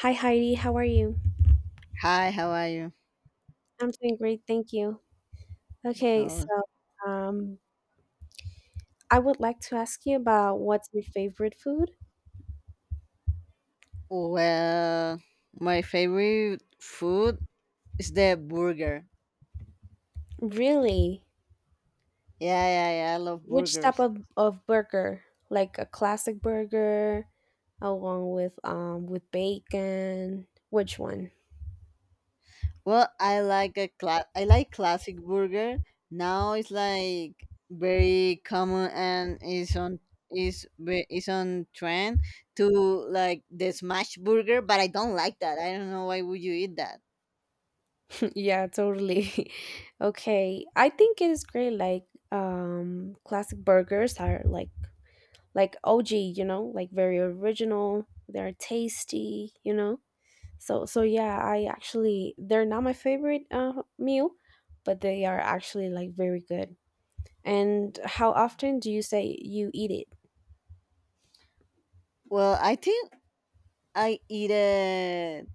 Hi Heidi, how are you? Hi, how are you? I'm doing great, thank you. Okay, so Oh, um, I would like to ask you about what's your favorite food? well, my favorite food is the burger. Really? Yeah, yeah, yeah. I love Which type burgers. of burger? Like a classic burger along with bacon? Which one? Well, I like a I like classic burger. Now it's like very common and is is on trend to like the smash burger, but I don't like that. I don't know why would you eat that. Yeah, totally. Okay. I think it is great like classic burgers are like OG, you know, like very original. They're tasty. So yeah, I actually they're not my favorite meal, but they are actually like very good. And how often do you say you eat it? I think I eat it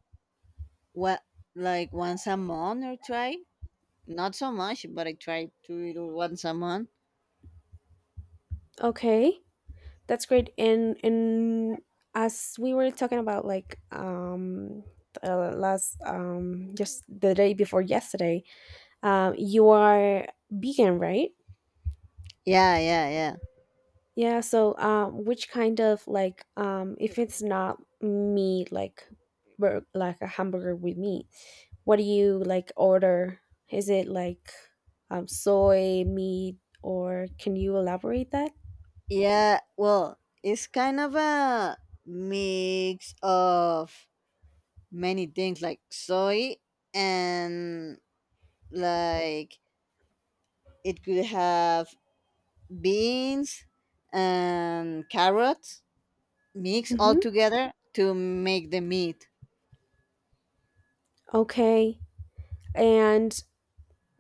what like once a month or twice. Not so much, but I try to do it once a month. Okay, that's great. And as we were talking about like last just the day before yesterday, you are vegan, right? Yeah, yeah, yeah. Yeah, so which kind of like if it's not meat like like a hamburger with meat, what do you like order? Is it like soy meat or can you elaborate that? It's kind of a mix of many things like soy and like it could have beans and carrots mixed all Mm-hmm. together to make the meat. Okay. And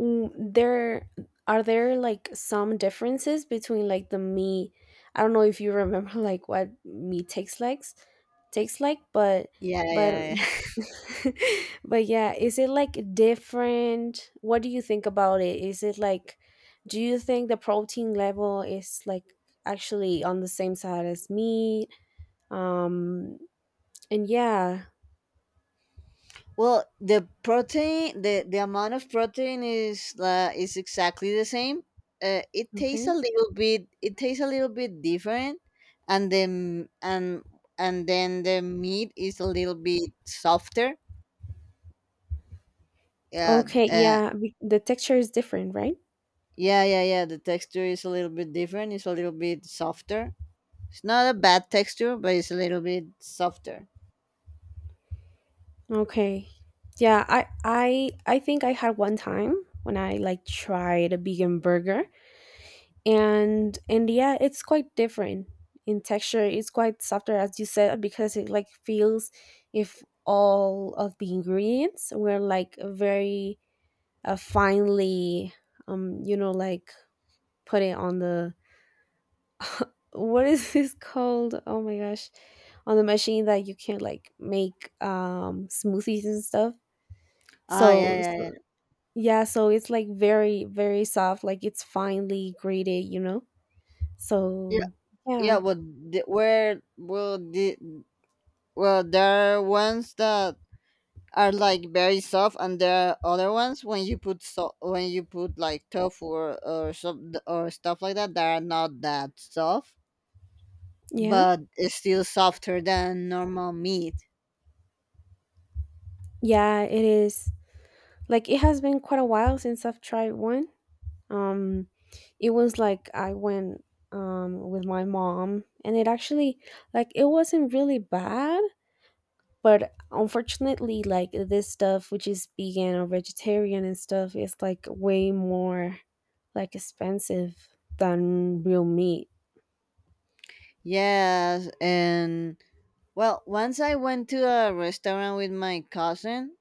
mm, there are there like some differences between like the meat. I don't know if you remember like what meat takes like, Yeah, but yeah, yeah. But yeah, is it like different? What do you think about it? Is it like, do you think the protein level is like actually on the same side as meat? Um, and yeah, Well, the protein, the amount of protein is exactly the same. Okay. It tastes a little bit different, and then and and then the meat is a little bit softer. Yeah, Okay, uh, yeah, the texture is different, right? yeah, yeah, yeah. The texture is a little bit different. It's a little bit softer. It's not a bad texture, but it's a little bit softer. Okay. Yeah, I think I had one time when I like tried a vegan burger and yeah it's quite different in texture, it's quite softer as you said because it like feels if all of the ingredients were like very finely like put it on the what is this called, oh my gosh, on the machine that you can like make smoothies and stuff, Ah, yeah, so, yeah, so yeah, yeah so it's like very soft like it's finely grated, you know? yeah, So yeah. yeah, Well, the, where well the well there are ones that are like very soft, and there are other ones when you put like tofu or or stuff like that that are not that soft, yeah. but it's still softer than normal meat. Yeah, it is. Like it has been quite a while since I've tried one. Um, it was like I went with my mom, and it actually like it wasn't really bad, but unfortunately, like this stuff which is vegan or vegetarian and stuff is like way more like expensive than real meat. Yes, and well once I went to a restaurant with my cousin,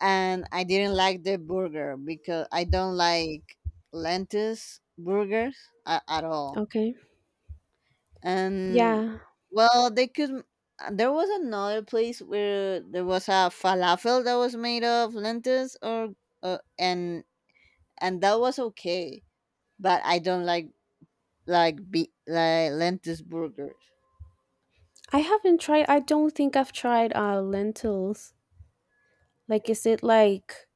and I didn't like the burger because I don't like lentils burgers at all. Okay. And Yeah, well they could there was another place where there was a falafel that was made of lentils or uh, and and that was okay, but I don't like be like lentils burgers. I haven't tried. I don't think I've tried lentils. Like, is it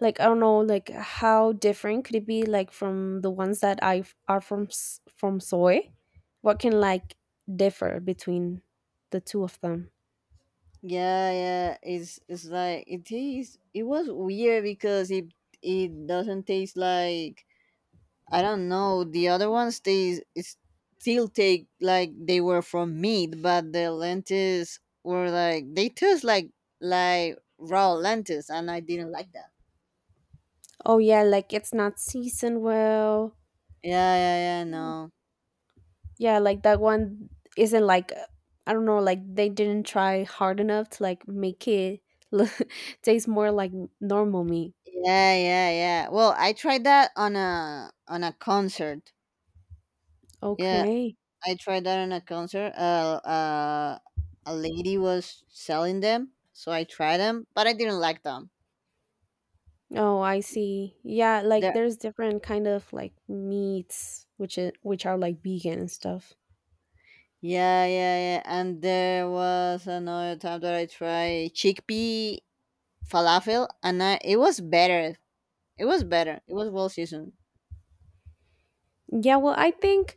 like I don't know, like how different could it be like from the ones that I are from from soy? What can like differ between the two of them? Yeah, it's it tastes. It was weird because it doesn't taste like. I don't know. The other ones they still take like they were from meat, but the lentils were like they taste like raw lentils, and I didn't like that. Oh yeah, like it's not seasoned well. Yeah, yeah, yeah. No. Yeah, like that one isn't like I don't know, like they didn't try hard enough to like make it look, taste more like normal meat. Yeah, yeah, yeah. Well, I tried that on a concert. Yeah, Okay. I tried that on a concert. A lady was selling them, so I tried them, but I didn't like them. Oh, I see. Yeah, like They're. there's different kind of like meats which are like vegan and stuff. Yeah, yeah, yeah. And there was another time that I tried chickpea falafel, and it was better. It was better. It was well seasoned. Yeah, well, I think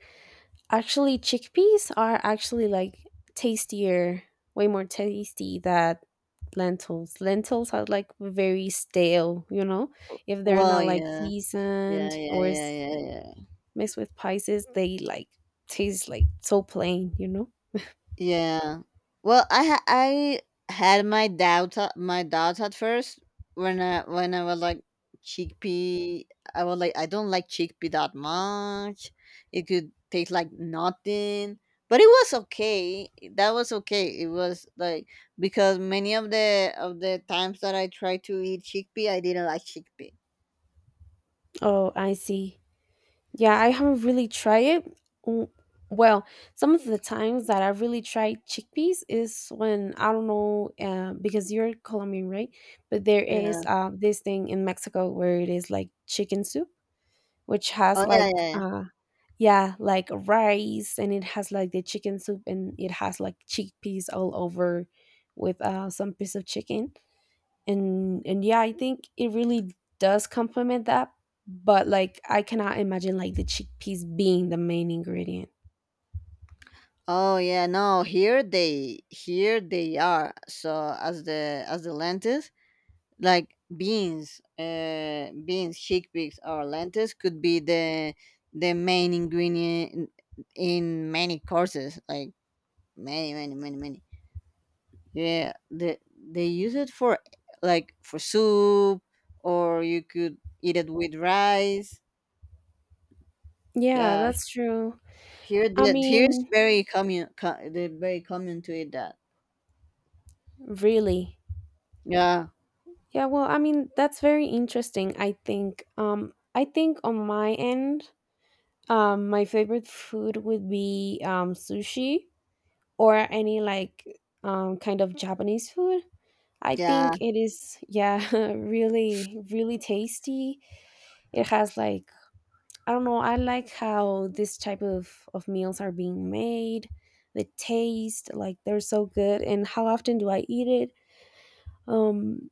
actually chickpeas are actually like tastier, way more tasty than lentils. Lentils are like very stale, you know? If they're Well, not like yeah, yeah, seasoned yeah, or yeah, yeah, yeah. mixed with spices, they like taste like so plain, you know? Yeah. Well, I had my doubts at first when I was like chickpea. I was like, I don't like chickpea that much. It could taste like nothing, but it was okay. That was okay. It was like because many of the times that I tried to eat chickpea, I didn't like chickpea. Oh, I see. Yeah, I haven't really tried it. W- Well, some of the times that I really tried chickpeas is when I don't know because you're Colombian, right? But there is Yeah. This thing in Mexico where it is like chicken soup, which has Oh yeah, like yeah, yeah. Yeah, like rice, and it has like the chicken soup, and it has like chickpeas all over with some piece of chicken and yeah I think it really does complement that, but like I cannot imagine like the chickpeas being the main ingredient. Oh yeah, no, here they are. So as the lentils, like beans, chickpeas or lentils could be the main ingredient in many courses, like many, many, many, many. Yeah, they use it for like for soup, or you could eat it with rice. Yeah, Yeah, that's true. here I the here's mean, very common, co- the very common to eat that. really. Yeah, Yeah, well, I mean that's very interesting. I think I think on my end my favorite food would be sushi or any like kind of Japanese food. I yeah. think it is, yeah, really really tasty. It has like I don't know. I like how this type of meals are being made, the taste, like they're so good. And how often do I eat it? Um,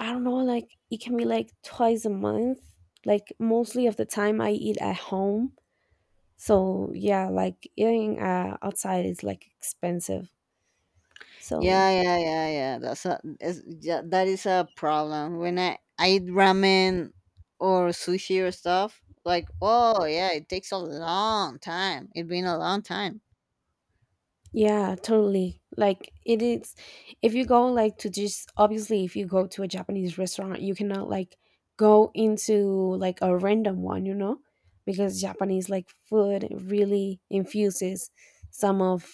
I don't know. Like it can be like twice a month. Like mostly of the time I eat at home. So yeah, like eating outside is like expensive. Yeah, So yeah, yeah, yeah. Yeah, that is a problem. When I eat ramen or sushi or stuff, like oh yeah, it takes a long time. It's been a long time. yeah, totally. Like it is if you go like to, just obviously if you go to a Japanese restaurant, you cannot like go into like a random one, you know? Because Japanese like food really infuses some of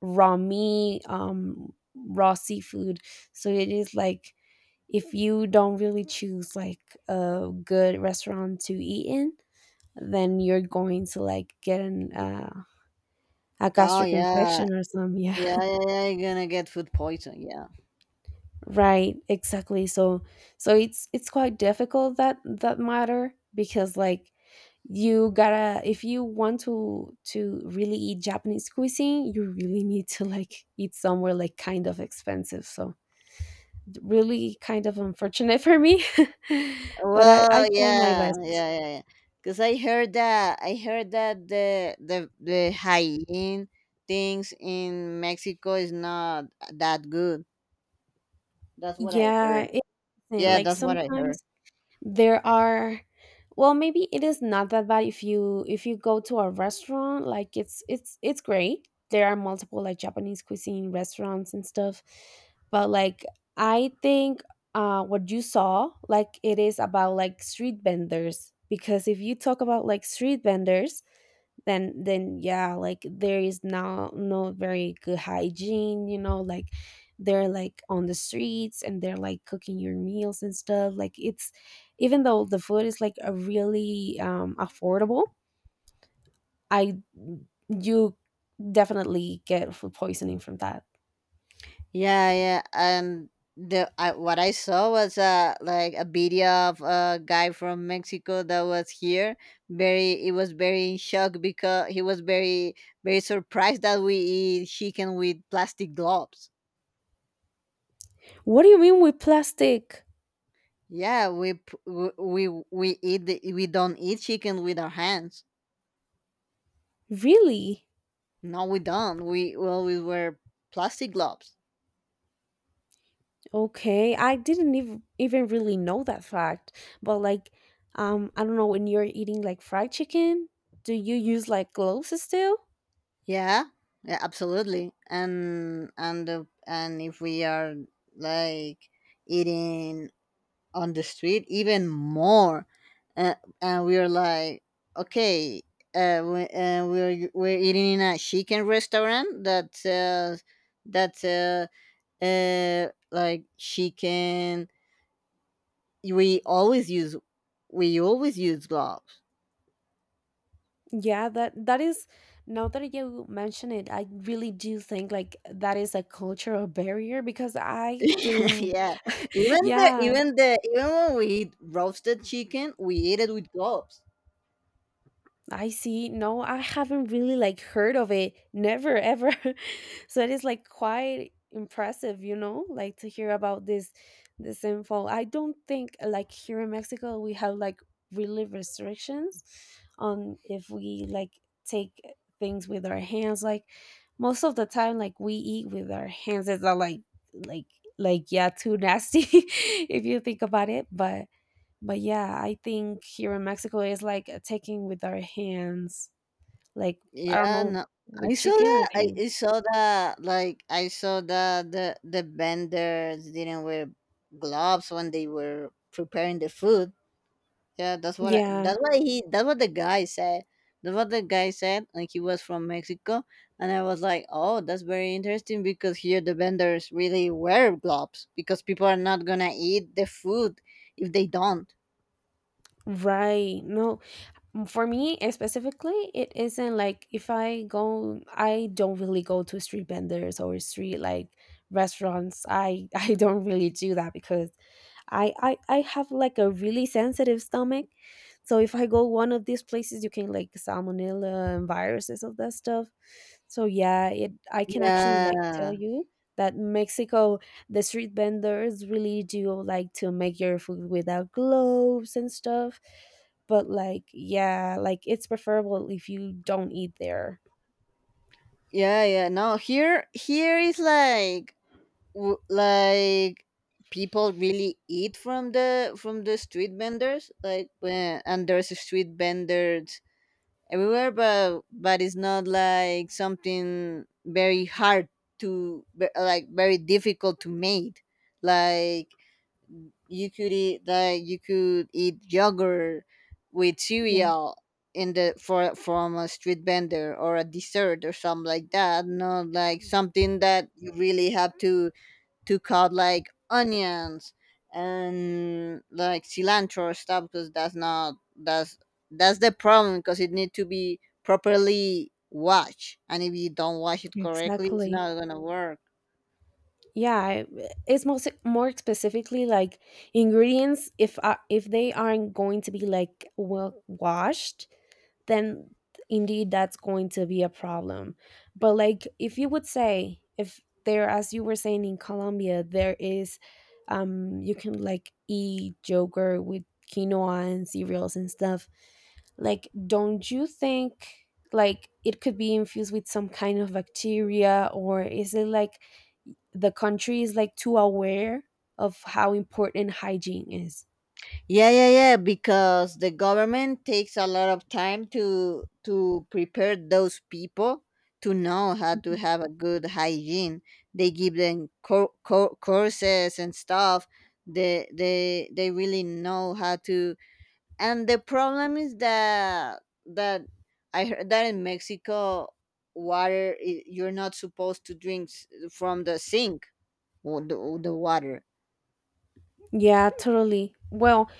raw meat, raw seafood. So it is like if you don't really choose like a good restaurant to eat in, then you're going to like get an a Oh gastric yeah, infection or something. Yeah. yeah, yeah, yeah. You're gonna get food poison. Yeah. Right, exactly. So so it's quite difficult that matter because like you gotta if you want to really eat Japanese cuisine, you really need to like eat somewhere like kind of expensive. So really kind of unfortunate for me. But I Well, I try my yeah, best. yeah, yeah, yeah. 'Cause I heard that the hygiene things in Mexico is not that good. That's what I Yeah, heard. it, Yeah, like that's what I heard. sometimes there are well maybe it is not that bad if you go to a restaurant, like it's it's great, there are multiple like Japanese cuisine restaurants and stuff, but like I think what you saw like it is about like street vendors, because if you talk about like street vendors then yeah like there is now no very good hygiene, you know, like they're like on the streets and they're like cooking your meals and stuff, like it's even though the food is like a really affordable, I you definitely get food poisoning from that. Yeah, yeah, and what I saw was like a video of a guy from Mexico that was here. He was very in shock because he was very surprised that we eat chicken with plastic gloves. What do you mean with plastic? Yeah, we eat we don't eat chicken with our hands. Really? No, we don't. We wear plastic gloves. Okay, I didn't even really know that fact. But like, I don't know, when you're eating like fried chicken, do you use like gloves still? Yeah, yeah, absolutely. And and if we are like eating on the street even more and, and we are like okay, we're eating in a chicken restaurant that sells that like chicken, we always use gloves. Yeah, that that is. Now that you mention it, I really do think like that is a cultural barrier because I didn't. Yeah, even the Yeah, even the even when we eat roasted chicken, we eat it with gloves. I see. No, I haven't really like heard of it. Never ever. So it is like quite impressive, you know, like to hear about this this info. I don't think like here in Mexico we have like really restrictions on if we like take things with our hands. Like most of the time like we eat with our hands. It's not like like like yeah, too nasty if you think about it. But yeah I think here in Mexico it's like taking with our hands like I don't Yeah, know no, I with saw chicken that. with hands I saw that. Like I saw that the vendors didn't wear gloves when they were preparing the food. Yeah, that's what yeah. that's what he that's what the guy said. That's what the guy said. Like he was from Mexico, and I was like, oh, that's very interesting because here the vendors really wear gloves because people are not gonna eat the food if they don't. Right. no m- For me specifically it isn't like if I go, I don't really go to street vendors or street like restaurants, I I don't really do that because I have like a really sensitive stomach, so if I go one of these places you can like salmonella and viruses of that stuff. So yeah, it, I can actually like tell Yeah. you that Mexico, the street vendors really do like to make your food without gloves and stuff, but like yeah like it's preferable if you don't eat there. Yeah, yeah. No, here is like like people really eat from the street vendors like when, and there's street vendors everywhere, but it's not like something very hard like very difficult to make. Like you could eat like you could eat yogurt with Yeah, cereal in the for from a street vendor, or a dessert or something like that, not like something that you really have to cut like onions and like cilantro or stuff, because that's not that's that's the problem because it need to be properly washed, and if you don't wash it correctly, it's exactly. not gonna work. Yeah, it's most more specifically like ingredients if they aren't going to be like well washed then indeed that's going to be a problem. But like if you would say if there, as you were saying, in Colombia there is you can like eat yogurt with quinoa and cereals and stuff. Like don't you think like it could be infused with some kind of bacteria or is it like the country is like too aware of how important hygiene is? Yeah, yeah, yeah, because the government takes a lot of time to prepare those people to know how to have a good hygiene. They give them courses and stuff. They really know how to. And the problem is that I heard that in Mexico you're not supposed to drink from the sink, or or the water. Yeah, totally. Well,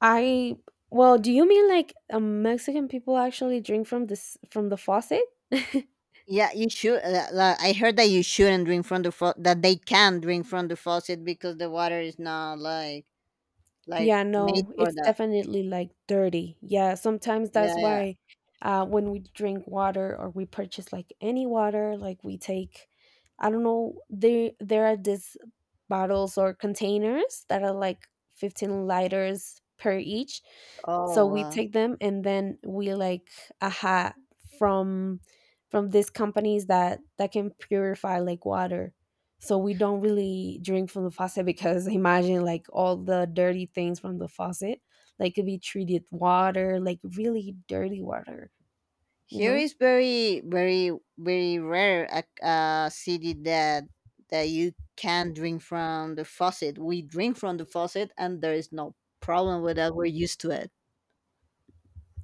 I well, do you mean like Mexican people actually drink from this from the faucet? Yeah, you should, I heard that you shouldn't drink from the faucet, that they can drink from the faucet because the water is not like Yeah, made no, for it's that. definitely like dirty. Yeah, sometimes Yeah, that's yeah. why when we drink water or we purchase like any water, like we take, I don't know, there are these bottles or containers that are like 15 liters per each. So Oh we wow. take them and then we like aha from from these companies that that can purify like water. So we don't really drink from the faucet because imagine like all the dirty things from the faucet, like could be treated water, like really dirty water, you Here know? is very, very, very rare a city that you can drink from the faucet. We drink from the faucet, and there is no problem with that. We're used to it.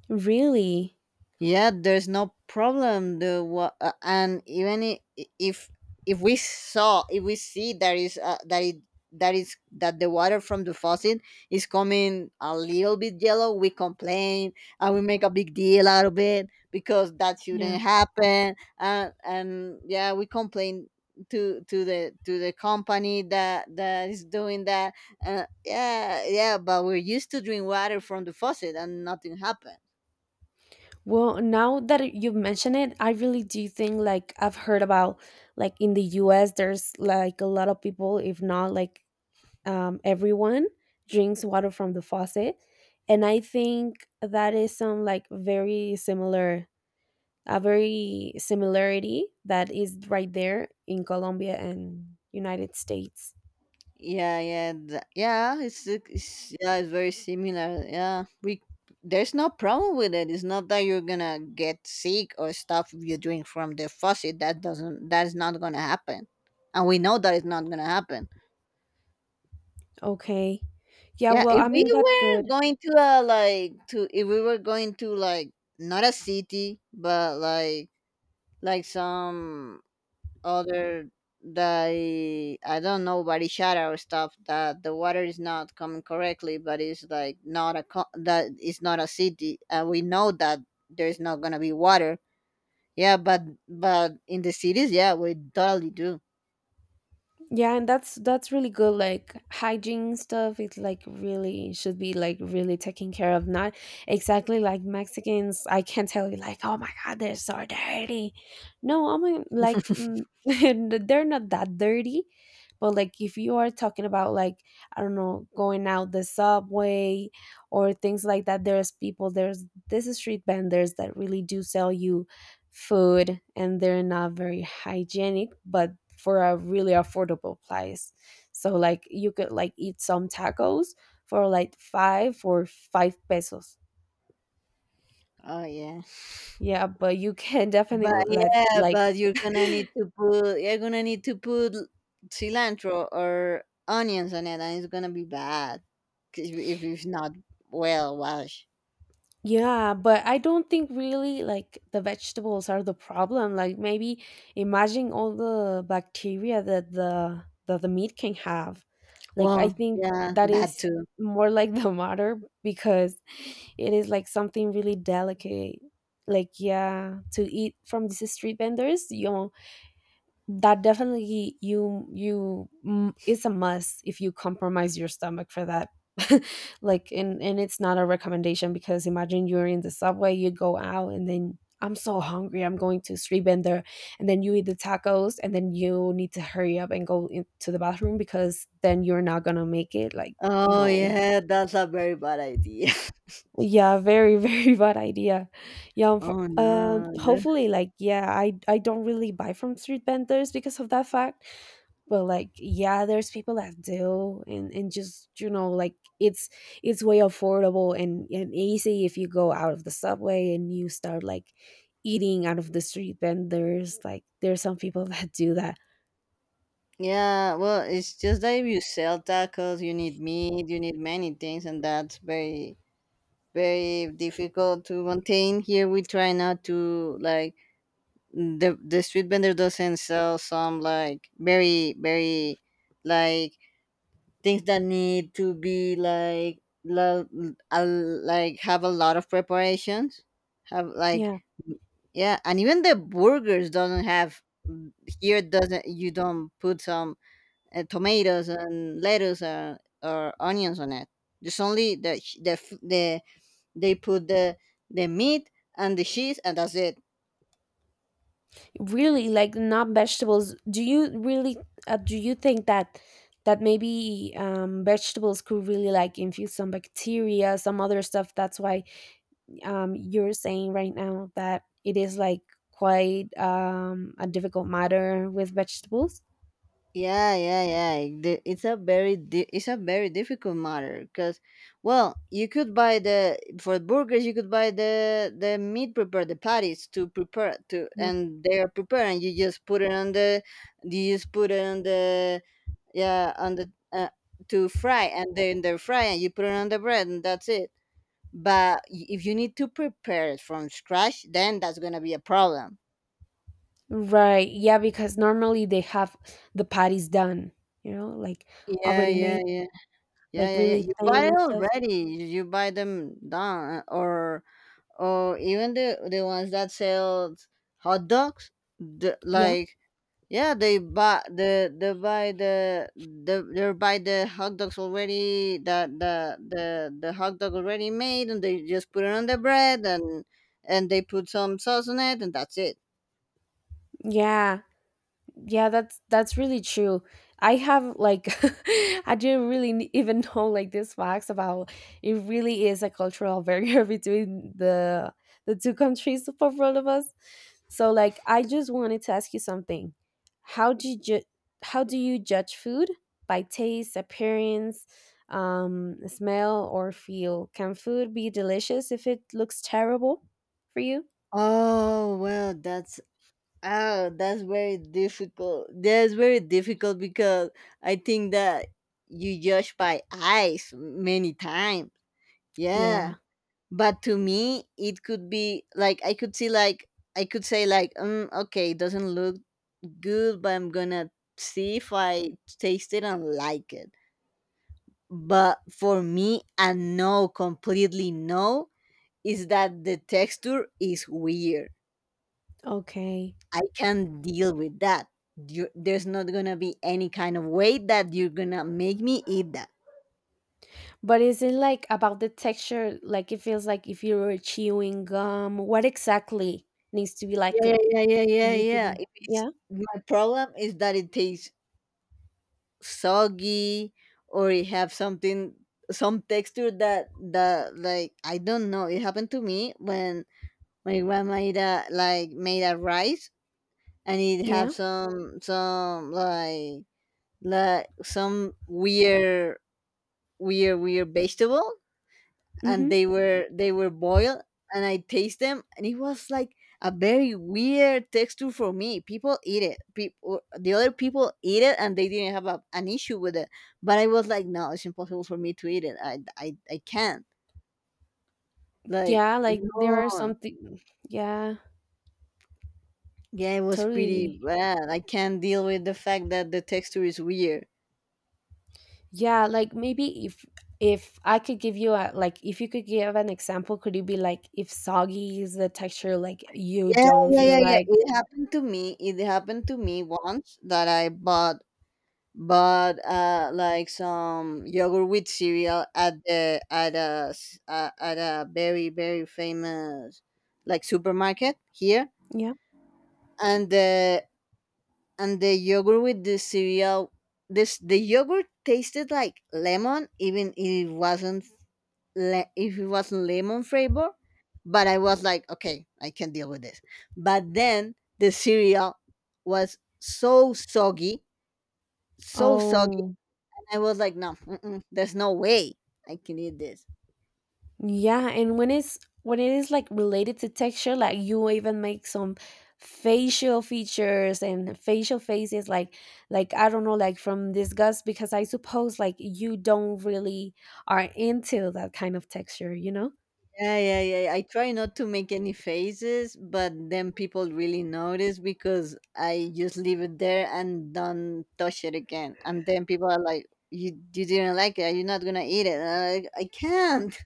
Really? Yeah, there's no problem. And even if we see that is that the water from the faucet is coming a little bit yellow, we complain, and we make a big deal out of it because that Yeah. shouldn't happen. And yeah, we complain to to the company that is doing that. Yeah, yeah, but we're used to drink water from the faucet, and nothing happened. Well, now that you mention it, I really do think like I've heard about like in the US there's like a lot of people, if not like everyone drinks water from the faucet. And I think that is some like very similar a very similarity that is right there in Colombia and United States. Yeah, yeah, yeah. It's yeah, it's very similar. Yeah, we there's no problem with it. It's not that you're gonna get sick or stuff if you drink from the faucet. That doesn't. That's not gonna happen, and we know that it's not gonna happen. Okay. Yeah, Yeah, well, if I we mean that's were good. going to like to if we were going to like not a city, but like some other. They I don't know, body shadow stuff, that the water is not coming correctly, but it's like not a that it's not a city, and we know that there's not gonna be water. Yeah, but in the cities, yeah, we totally do. Yeah, and that's really good. Like hygiene stuff it's like really should be like really taken care of. Not exactly like Mexicans. I can't tell you like, oh my god, they're so dirty. No, I mean like they're not that dirty, but like if you are talking about like I don't know going out the subway or things like that, there's this street vendors that really do sell you food and they're not very hygienic, but for a really affordable price. So like you could like eat some tacos for like five or five pesos. Oh Yeah, but you can definitely like yeah, but you're gonna need to put cilantro or onions on it, and it's gonna be bad 'cause if it's not well washed. Yeah, but I don't think really like the vegetables are the problem. Like maybe imagine all the bacteria that the meat can have. Like I Well, think yeah, that that is too. more like the matter because it is like something really delicate. Like yeah, to eat from these street vendors, you that definitely you it's a must if you compromise your stomach for that like and it's not a recommendation because imagine you're in the subway you go out and then I'm so hungry I'm going to street vendor, and then you eat the tacos and then you need to hurry up and go into the bathroom because then you're not gonna make it like Oh no. yeah, that's a very bad idea. Yeah, very very bad idea. Yeah, Oh no. The- hopefully like yeah I don't really buy from street vendors because of that fact, but like yeah there's people that do and just you know like it's it's way affordable and easy if you go out of the subway and you start like eating out of the street vendors. Like there's some people that do that. Yeah, well, it's just that if you sell tacos, you need meat, you need many things, and that's very, very difficult to maintain. Here, we try not to like the street vendor doesn't sell some like very, very like things that need to be like like have a lot of preparations, have like. Yeah, Yeah, and even the burgers doesn't have here doesn't you don't put some tomatoes and lettuce or onions on it, just only the sh- the f- the they put the meat and the cheese, and that's it. really like not vegetables, do you really do you think that that maybe vegetables could really like infuse some bacteria, some other stuff? That's why you're saying right now that it is like quite a difficult matter with vegetables. Yeah, yeah, yeah. It's a very it's a very difficult matter because, well, you could buy the for burgers, you could buy the meat prepared, the patties to prepare to Yeah. and they are prepared, and you just put it on the you just put it on the yeah, on the, to fry, and then they fry, and you put it on the bread, and that's it. But if you need to prepare it from scratch, then that's gonna be a problem. Right. Yeah, because normally they have the patties done, you know, like Yeah, already yeah, made, yeah. Yeah, like yeah, yeah. really You thin buy it and stuff. already. You buy them done, or even the ones that sell hot dogs. The, Yeah. like Yeah, they buy the the hot dogs already. That the hot dog already made, and they just put it on the bread and they put some sauce on it, and that's it. Yeah. Yeah, that's really true. I have like I didn't really even know like these facts about It really is a cultural barrier between the two countries for both of us. So like I just wanted to ask you something. how do you ju- how do you judge food? By taste, appearance, smell or feel? Can food be delicious if it looks terrible for you? Oh well, that's Oh, that's very difficult. That's very difficult because I think that you judge by eyes many times. Yeah. Yeah. But to me, it could be like I could see, like, I could say, like, okay, it doesn't look good, but I'm gonna see if I taste it and like it. But for me, a no, completely no, is that the texture is weird. Okay. I can't deal with that. There's not gonna be any kind of way that you're gonna make me eat that. But is it like about the texture? Like it feels like if you were chewing gum. What exactly needs to be like Yeah, yeah, yeah, yeah, for yeah, you to yeah. be? It is, Yeah, my problem is that it tastes soggy, or it have something, some texture that like I don't know. It happened to me when my grandma made a, like made a rice, and it have yeah, some like some weird weird vegetable, and mm-hmm. they were boiled. And I taste them, and it was like a very weird texture for me. People eat it. People the other people eat it, and they didn't have an issue with it. But I was like, no, it's impossible for me to eat it. I can't, like, Yeah. Like there no. are something. Yeah, Yeah, it was pretty totally. bad. I can't deal with the fact that the texture is weird. Yeah, like maybe if I could give you a like if you could give an example, could it be like if soggy is the texture, like you Yeah, don't yeah, yeah, feel yeah. like It happened to me once that I bought, but like, some yogurt with cereal at a at a very very famous, like, supermarket here, yeah. and the yogurt with the cereal, this the yogurt tasted like lemon. Even if it wasn't if it wasn't lemon flavor, but I was like, okay, I can deal with this. But then the cereal was so soggy, so soggy. Oh I was like, no, mm-mm, there's no way I can eat this. yeah, and when it's when it is like related to texture, like you even make some facial features and facial faces like I don't know, like from disgust because I suppose like you don't really are into that kind of texture, you know? Yeah, yeah, yeah. I try not to make any faces, but then people really notice because I just leave it there and don't touch it again. And then people are like, You didn't like it. Are you not gonna eat it?" And I'm like, I can't.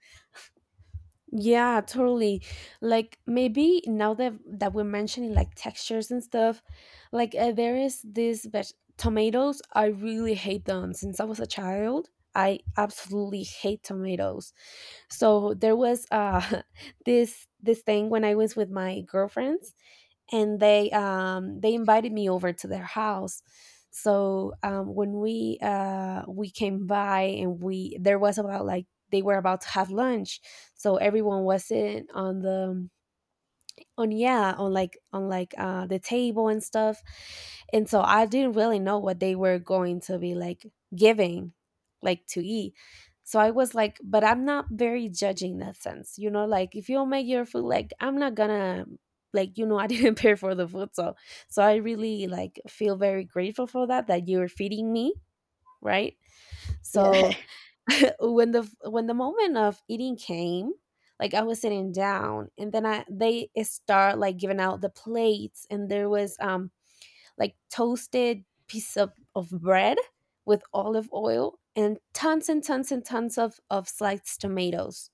Yeah, totally. Like maybe now that that we're mentioning like textures and stuff, like there is this tomatoes. I really hate them since I was a child. I absolutely hate tomatoes. So there was this thing when I was with my girlfriends and they invited me over to their house. So when we came by and we there was about like they were about to have lunch, so everyone wasn't on the on yeah on like the table and stuff and so I didn't really know what they were going to be like giving like to eat. So I was like but I'm not very judging in that sense, you know, like if you don't make your food like I'm not gonna like you know I didn't pay for the food, so so I really like feel very grateful for that, that you're feeding me, right? Yeah. So when the moment of eating came, like I was sitting down and then I they start like giving out the plates and there was like toasted piece of bread with olive oil and tons and tons and tons of sliced tomatoes,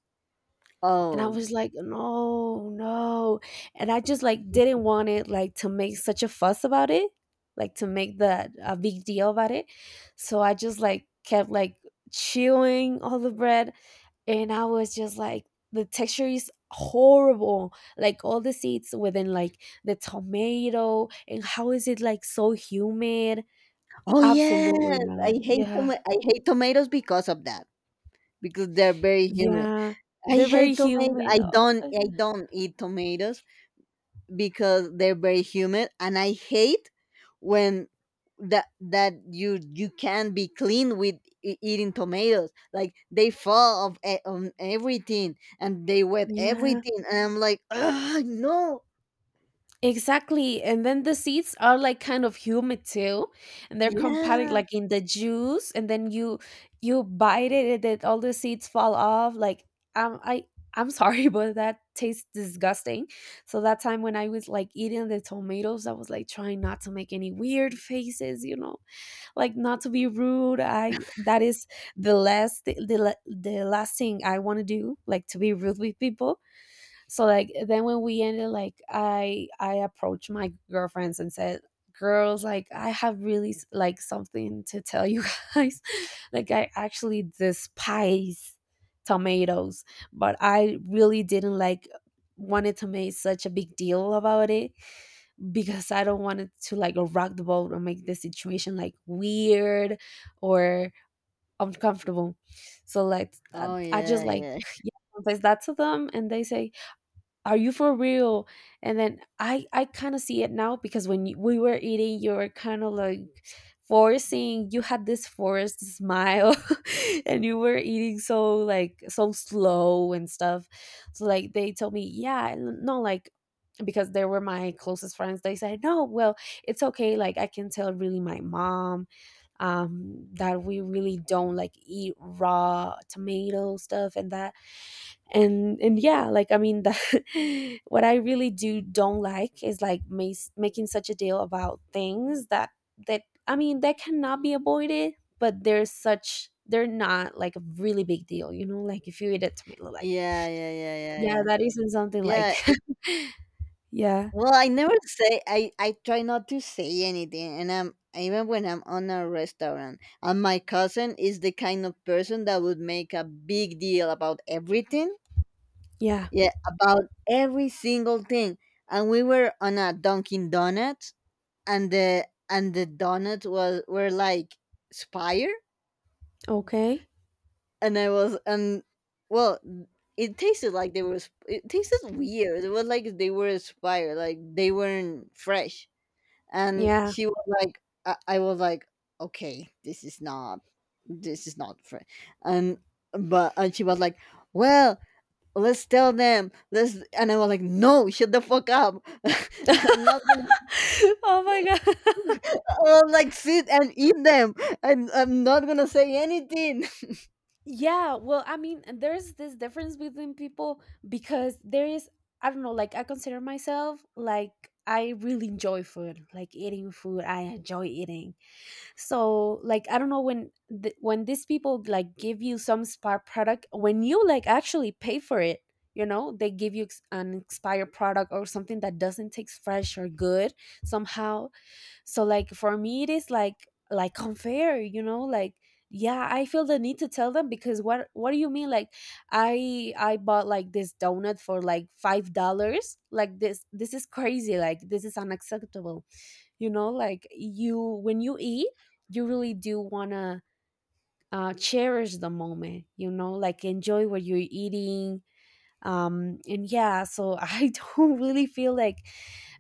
and I Oh, was like, "No, no." And I just, like, didn't want it, like, to make such a fuss about it, like, to make that a big deal about it. So I just, like, kept, like, chewing all the bread, and I was just like, the texture is horrible, like, all the seeds within, like, the tomato, and how is it, like, so humid? oh Absolutely yes. not. Yeah. I hate tomatoes because of that. Because they're very humid. Yeah. I They're very hate tomatoes. humid. I don't. Oh, I don't eat tomatoes because they're very humid, and I hate when that you can be clean with eating tomatoes. Like, they fall of on everything, and they wet yeah. everything, and I'm like, ugh, no. Exactly. And then the seeds are like kind of humid too. And they're compacted Yeah, like in the juice and then you bite it and then all the seeds fall off. Like um I I'm sorry, but that tastes disgusting. So that time when I was like eating the tomatoes, I was like trying not to make any weird faces, you know, like not to be rude. I that is the last the last thing I want to do, like to be rude with people. So like then when we ended, like I approached my girlfriends and said, "Girls, like I have really like something to tell you guys. Like I actually despise tomatoes, but I really didn't like." Wanted to make such a big deal about it because I don't want it to like rock the boat or make the situation like weird or uncomfortable. So like oh I yeah, just like yeah. yeah, says that to them and they say are you for real? And then I kind of see it now because when you, we were eating, you were kind of like forcing. You had this forced smile, and you were eating so like so slow and stuff. So like they told me, yeah, no, like because they were my closest friends. They said, no, well, it's okay. Like I can tell really my mom that we really don't like eat raw tomato stuff and that and yeah like I mean the, what I really do don't like is like making such a deal about things that that I mean that cannot be avoided, but they're such they're not like a really big deal, you know, like if you eat a tomato like Yeah, yeah, yeah, yeah, yeah yeah, that isn't something like yeah. yeah Well, I never say. I try not to say anything, and I'm even when I'm on a restaurant. And my cousin is the kind of person that would make a big deal about everything. yeah Yeah, about every single thing. And we were on a Dunkin' Donuts, and the donuts was were like spire, okay and I was and well. It tasted like they were. It tasted weird. It was like they were expired, like they weren't fresh. And yeah she was like, I was like, okay, this is not, this is not fair. And but and she was like, well, let's tell them, let's and I was like, no, shut the fuck up. I'm not gonna— oh my god. I was like, sit and eat them. I'm not gonna say anything. Yeah, well, I mean, there's this difference between people because there is, I don't know, like I consider myself like I really enjoy food, like eating food. I enjoy eating. So, like, I don't know when when these people like give you some spa product, when you like actually pay for it, you know, they give you an expired product or something that doesn't taste fresh or good somehow. So like for me it is like unfair, you know, like yeah I feel the need to tell them because what do you mean like I bought like this donut for like $5. Like this is crazy, like this is unacceptable, you know, like you when you eat you really do wanna cherish the moment, you know, like enjoy what you're eating. And yeah so I don't really feel like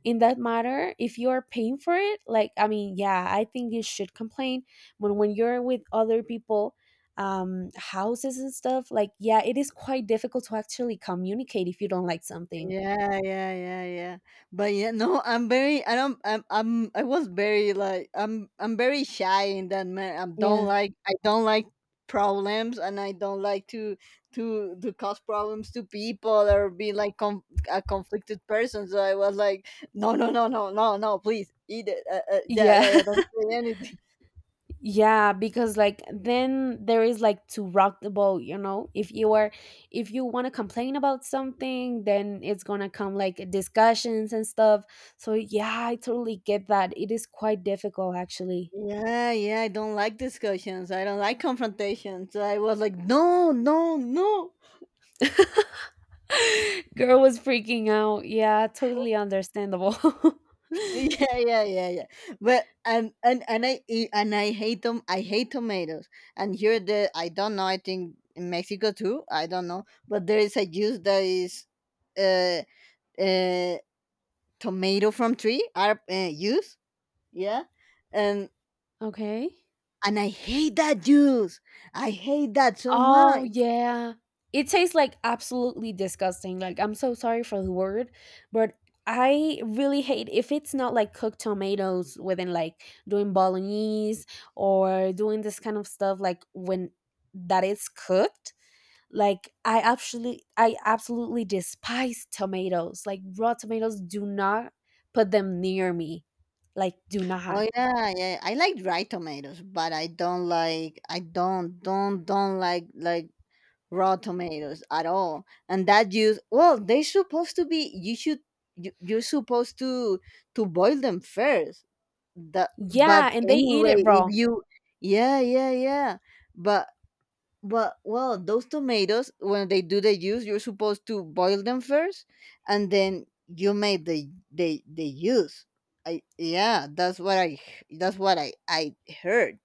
in that matter if you are paying for it, like I mean yeah I think you should complain. But when you're with other people, houses and stuff, like yeah it is quite difficult to actually communicate if you don't like something. Yeah, yeah, yeah, yeah. But yeah, no, I'm very, I don't, I'm, I was very like, I'm very shy in that, man. I don't Yeah, like, problems, and I don't like to cause problems to people, or be like a conflicted person. So I was like, no, no, no, no, no, no, please eat it. Yeah, yeah. yeah, yeah. Don't say anything. Yeah, because like then there is like to rock the boat, you know. If you are if you want to complain about something, then it's going to come like discussions and stuff. So yeah, I totally get that. It is quite difficult actually. Yeah, yeah, I don't like discussions. I don't like confrontations. So I was like, no, no, no. Girl was freaking out. Yeah, totally understandable. Yeah, yeah, yeah, yeah, but and I, and I hate them. I hate tomatoes. And here, the I don't know, I think in Mexico too, I don't know, but there is a juice that is uh uh tomato from tree are juice. Yeah. um Okay. and I hate that juice. I hate that so Oh, much. yeah. It tastes like absolutely disgusting. Like, I'm so sorry for the word, but I really hate if it's not like cooked tomatoes within like doing bolognese or doing this kind of stuff like when that is cooked. Like I absolutely despise tomatoes. Like raw tomatoes do not put them near me. Like do not. Oh yeah, yeah. I like dry tomatoes, but I don't like raw tomatoes at all. And that juice, well, they're supposed to be— you should— you're supposed to boil them first. The But Yeah, and they eat anyway, it if raw. you— Yeah, yeah, yeah. But well, those tomatoes, when they do the juice, you're supposed to boil them first and then you make the juice. Yeah, that's what I heard.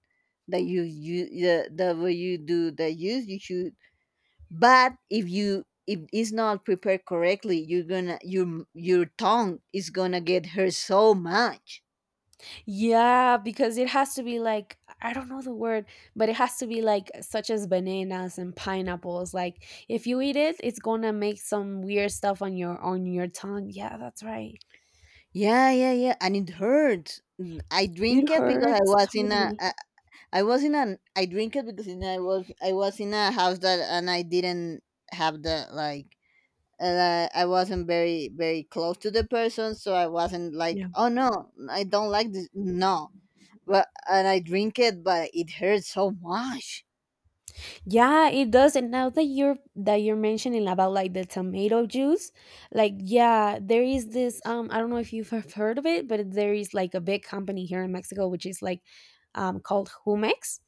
That you the way you do the juice, you should. But if you if it's not prepared correctly, you're gonna— your tongue is gonna get hurt so much. Yeah, because it has to be like I don't know the word, but it has to be like such as bananas and pineapples. Like if you eat it, it's gonna make some weird stuff on your tongue. Yeah, that's right. Yeah, yeah, yeah. And it hurts. I It drink it because hurts totally. I was in a house that. And I didn't have the, like, I wasn't very very close to the person, so I wasn't like, Yeah. oh no, I don't like this, no. But and I drink it, but it hurts so much. Yeah, it does. And now that you're mentioning about like the tomato juice, like yeah, there is this I don't know if you've have heard of it, but there is like a big company here in Mexico which is like called Humex,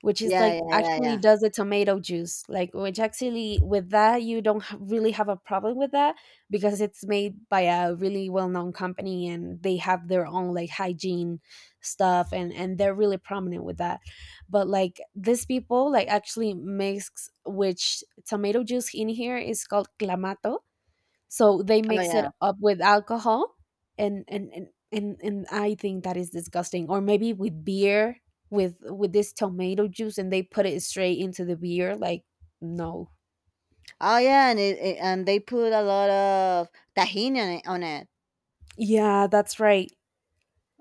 which is Yeah, like yeah, yeah, actually yeah. does the tomato juice, like which actually with that you don't really have a problem with that because it's made by a really well-known company and they have their own like hygiene stuff and they're really prominent with that but like these people like actually mix which tomato juice in here is called clamato so they Oh mix it yeah. up with alcohol and I think that is disgusting or maybe with beer with this tomato juice and they put it straight into the beer like no Oh yeah, and and they put a lot of tahini on it, on it. yeah that's right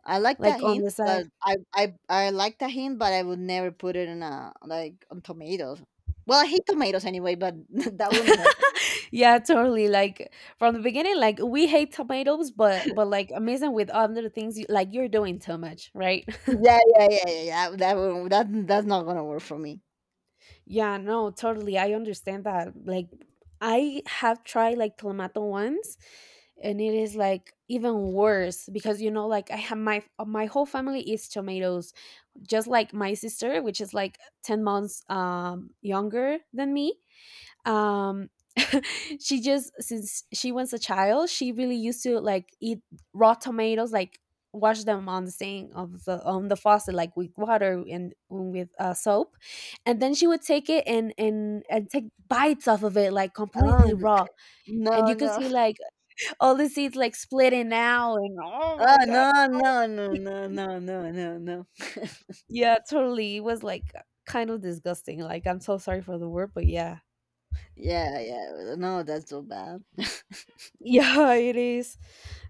I like like tahini, on the side but I would never put it in a like on tomatoes. Well, I hate tomatoes anyway, but that wouldn't help. yeah totally like from the beginning like we hate tomatoes but like amazing with other things like you're doing too much right. Yeah, yeah, yeah, yeah, yeah. That's not gonna work for me. Yeah, no, totally. I understand that. Like, I have tried like clamato once, and it is like even worse because you know, like I have my my whole family eats tomatoes, just like my sister, which is like 10 months younger than me um she just since she was a child she really used to like eat raw tomatoes like wash them on the sink of the on the faucet like with water and with soap and then she would take it and and take bites off of it like Oh completely raw no, and you could no. see like all the seeds like splitting out and oh Oh my god. no, no, no, no, no, no, no, no. Yeah, totally, it was like kind of disgusting, like I'm so sorry for the word, but yeah Yeah, yeah. No, that's so bad. yeah it is.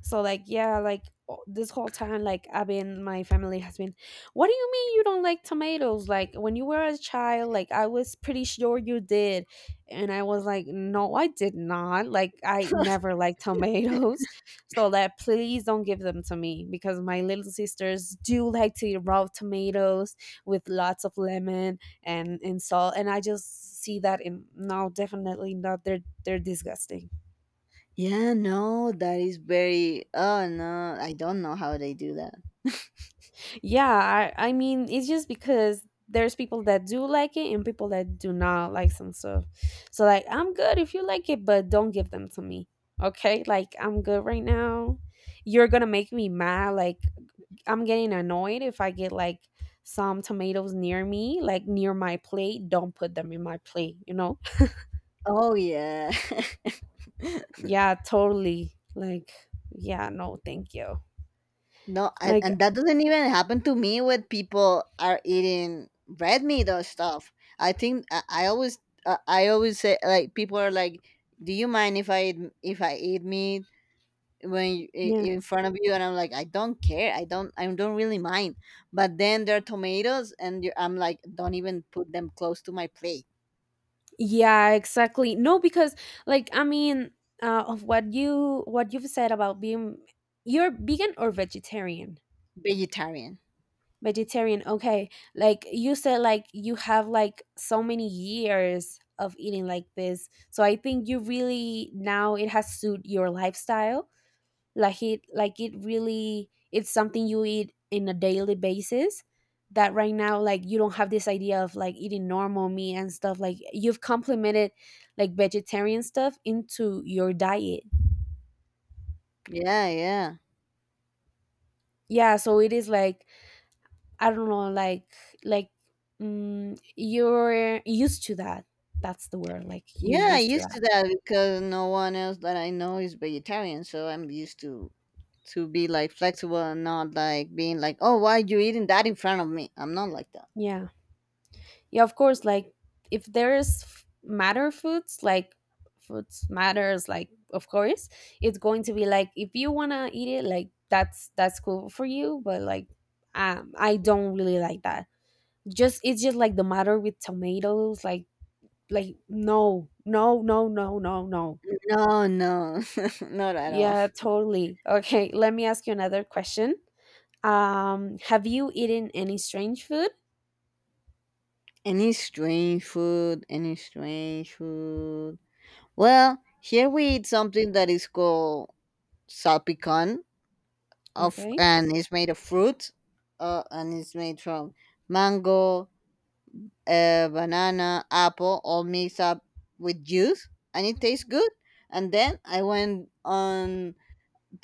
So like yeah like this whole time like I've been my family has been what do you mean you don't like tomatoes like when you were a child like I was pretty sure you did and I was like no I did not, like I never liked tomatoes so that please don't give them to me because my little sisters do like to eat raw tomatoes with lots of lemon and salt and I just see that in no definitely not they're disgusting. Yeah, no, that is very. Oh no, I don't know how they do that. Yeah, I mean, it's just because there's people that do like it and people that do not like some stuff. So, like, I'm good if you like it, but don't give them to me. Okay? Like, I'm good right now. You're going to make me mad. Like, I'm getting annoyed if I get, like, some tomatoes near me, like near my plate. Don't put them in my plate, you know? Oh yeah. Yeah, totally. Like, yeah, no, thank you. No, and, Like, and that doesn't even happen to me when people are eating red meat or stuff. I think I always say, like, people are like, "Do you mind if if I eat meat yeah. in front of you?" And I'm like, "I don't care. I don't really mind." But then there are tomatoes, and I'm like, "Don't even put them close to my plate." Yeah, exactly. No, because like I mean, of what you've said about being you're vegan or vegetarian. Vegetarian. Vegetarian, okay. Like you said, like you have like so many years of eating like this. So I think you really now it has suit your lifestyle like it really it's something you eat in a daily basis that right now like you don't have this idea of like eating normal meat and stuff like you've complemented like vegetarian stuff into your diet Yeah, yeah. yeah so it is like I don't know like like mm, you're used to that, that's the word, like you're Yeah, I used to used that. to that because no one else that I know is vegetarian, so I'm used to be like flexible and not like being like, "Oh, why you eating that in front of me?" I'm not like that. Yeah. Yeah, of course. Like if there is matter foods, like foods matters, like of course, it's going to be like if you wanna eat it, like that's cool for you. But like, I don't really like that. Just it's just like the matter with tomatoes, like no, no, no, no, no, no. No, no, not at all. Yeah, totally. Okay, let me ask you another question. Have you eaten any strange food? Any strange food? Any strange food? Well, here we eat something that is called salpicón Okay. and it's made of fruit, and it's made from mango, a banana, apple, all mixed up with juice, and it tastes good. And then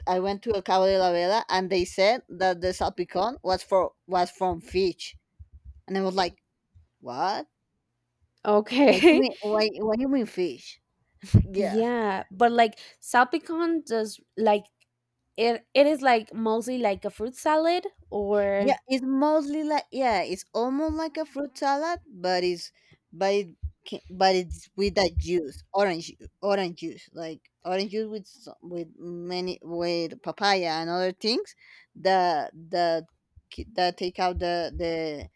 I went to a Cabo de la Vela, and they said that the salpicón was from fish, and I was like, what? What you Okay. mean? Why? What you mean fish? Yeah. Yeah, but like salpicon does like it is like mostly like a fruit salad Yeah, or it's mostly like, yeah, it's almost like a fruit salad, but it's but it ca- but it's with that juice, orange juice, like orange juice with so- with many with papaya and other things, that that take out the the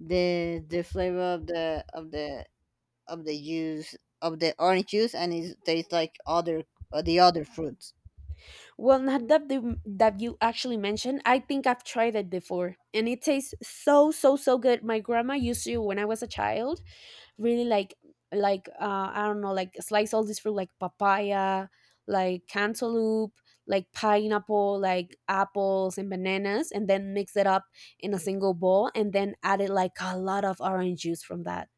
the the flavor of the juice, of the orange juice, and it tastes like other the other fruits. well not that that you actually mentioned. I think I've tried it before and it tastes so so so good. My grandma used to when I was a child really like I don't know like slice all this fruit like papaya, like cantaloupe, like pineapple, like apples and bananas and then mix it up in a single bowl and then added like a lot of orange juice from that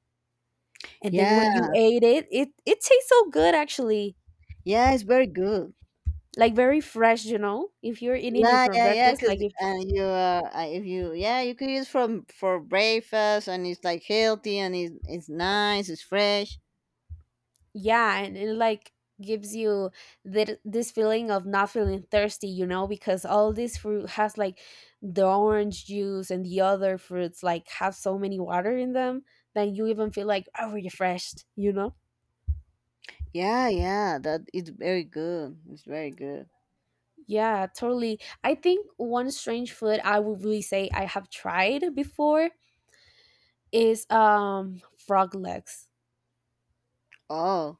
and then Yeah, when you ate it it tastes so good actually yeah, it's very good. like very fresh you know if you're eating it Yeah, for yeah, yeah. breakfast like Because if you, if you, yeah, you could use from for breakfast, and it's like healthy, and it's nice, it's fresh. yeah and it like gives you that this feeling of not feeling thirsty you know because all this fruit has like the orange juice and the other fruits like have so many water in them that you even feel like oh refreshed you know. Yeah, yeah. That it's very good. It's very good. Yeah, totally, I think one strange food I would really say I have tried before is frog legs. Oh,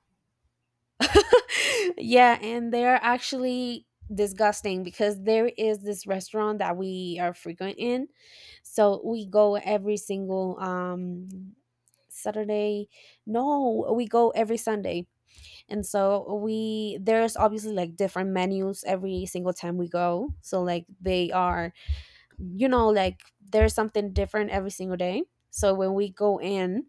Yeah, and they are actually disgusting because there is this restaurant that we are frequent in. So we go every single Saturday. No, we go every Sunday. And so we there's obviously like different menus every single time we go. So like they are you know like there's something different every single day so when we go in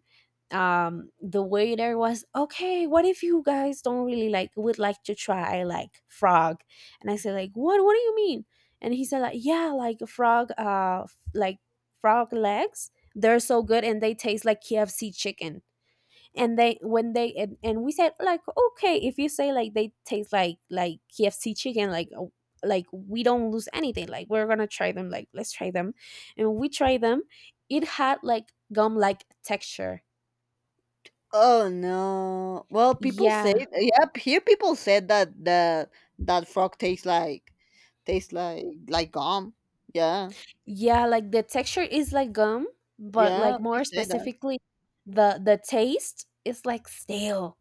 the waiter was okay what if you guys don't really like would like to try like frog and I said like what do you mean and he said like yeah like frog like frog legs, they're so good and they taste like KFC chicken and they when they and we said like okay if you say like they taste like KFC chicken like we don't lose anything like we're gonna try them like let's try them and we try them it had like gum like texture. oh no. Well, people say, Yeah yeah, here people said that the that frog tastes like— tastes like gum. Yeah, yeah like the texture is like gum but yeah. like They more say that. specifically the taste is like stale,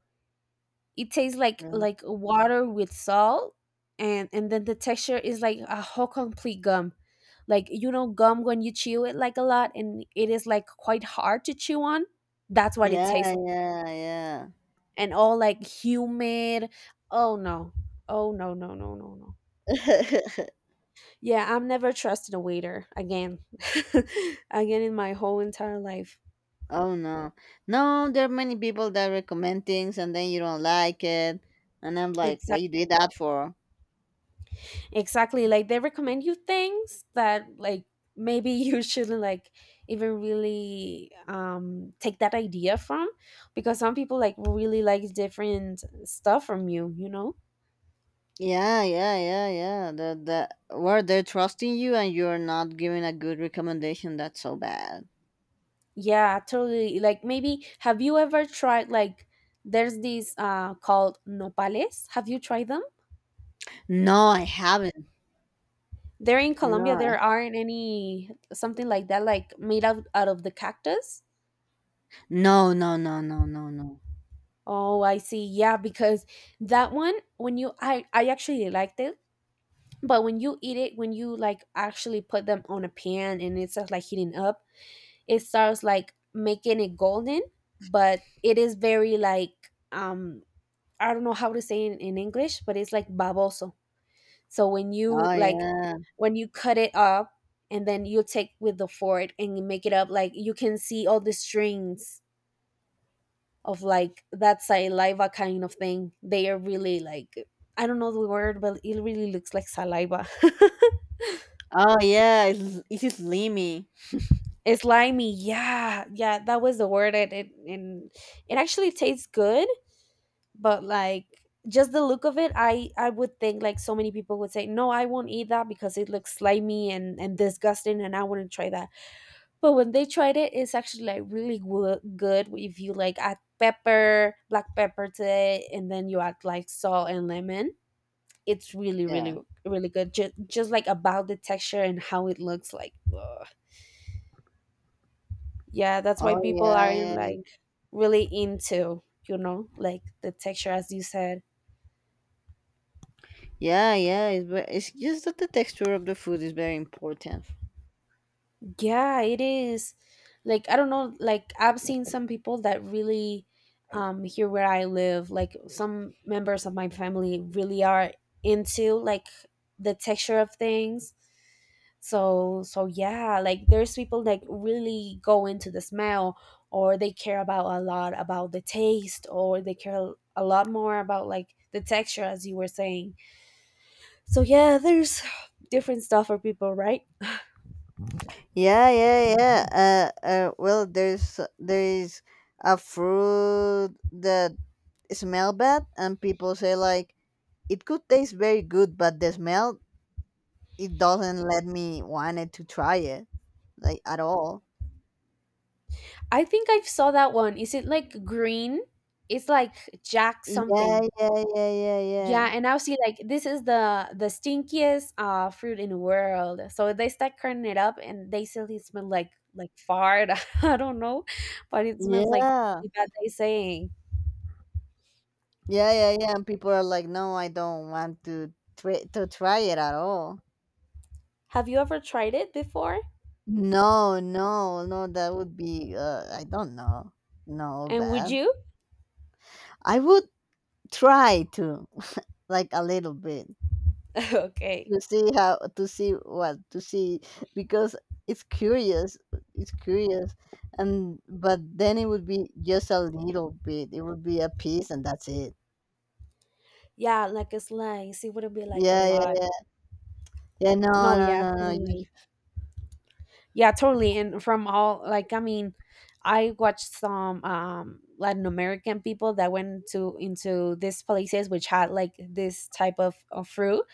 it tastes Yeah, like water with salt and then the texture is like a whole complete gum like you know gum when you chew it like a lot and it is like quite hard to chew on, that's what it yeah, tastes like yeah, and all like humid. Oh no, oh no no no no no. yeah. Yeah I'm never trusting a waiter again again in my whole entire life. Oh no. No, there are many people that recommend things and then you don't like it. And I'm like, what Exactly. you did that for? Exactly. Like they recommend you things that like maybe you shouldn't like even really take that idea from because some people like really like different stuff from you, you know? Yeah, yeah, yeah, yeah. The where they're trusting you and you're not giving a good recommendation, that's so bad. Yeah, totally. Like maybe have you ever tried like there's these called nopales. Have you tried them? No, I haven't. They're in No. Colombia. There aren't any something like that like made out of the cactus. No, no, no, no, no, no. Oh, I see. Yeah, because that one when you I actually liked it. But when you eat it, when you like actually put them on a pan and it starts like heating up, it starts like making it golden, but it is very like I don't know how to say it in English, but it's like baboso. So when you Oh like yeah. when you cut it up and then you take with the fork and you make it up like you can see all the strings of like that saliva kind of thing. They are really like I don't know the word, but it really looks like saliva. Oh yeah, it's slimy. It's limey. Yeah. Yeah, that was the word. It and it actually tastes good, but like just the look of it, I would think like so many people would say, "No, I won't eat that because it looks slimy and disgusting and I wouldn't try that." But when they tried it, it's actually like really good if you like add pepper, black pepper to it and then you add like salt and lemon. It's really Yeah. really really good. Just like about the texture and how it looks like. Yeah that's why Oh people yeah, aren't yeah. like really into you know like the texture as you said. Yeah, yeah, it's just that the texture of the food is very important. Yeah, it is. Like I don't know, like I've seen some people that really here where I live, like some members of my family really are into like the texture of things. So so yeah, like there's people that really go into the smell or they care about a lot about the taste or they care a lot more about like the texture as you were saying. So yeah, there's different stuff for people, right? Yeah, yeah, yeah. Well, there is a fruit that smell bad, and people say like it could taste very good, but the smell, it doesn't let me wanted to try it like at all. I think I saw that one. Is it like green? It's like Jack Yeah, something. yeah, yeah, yeah, yeah, Yeah, and I see like this is the stinkiest fruit in the world. So they start cutting it up and they say it smells like fart. I don't know, but it smells like yeah, really bad. They saying, yeah, yeah, yeah. And people are like, "No, I don't want to try it at all." have you ever tried it before? No, no, no. That would be, I don't know. No, And would bad. you? I would try to like a little bit Okay, to see how, to see what, to see because it's curious it's curious, and but then it would be just a little bit, it would be a piece, and that's it. yeah, like a slice. It wouldn't be like a Yeah, lot. yeah, yeah, no, No, no, yeah, no, no, totally. Yeah, totally. And from all like I mean, I watched some Latin American people that went to into these places which had like this type of fruit,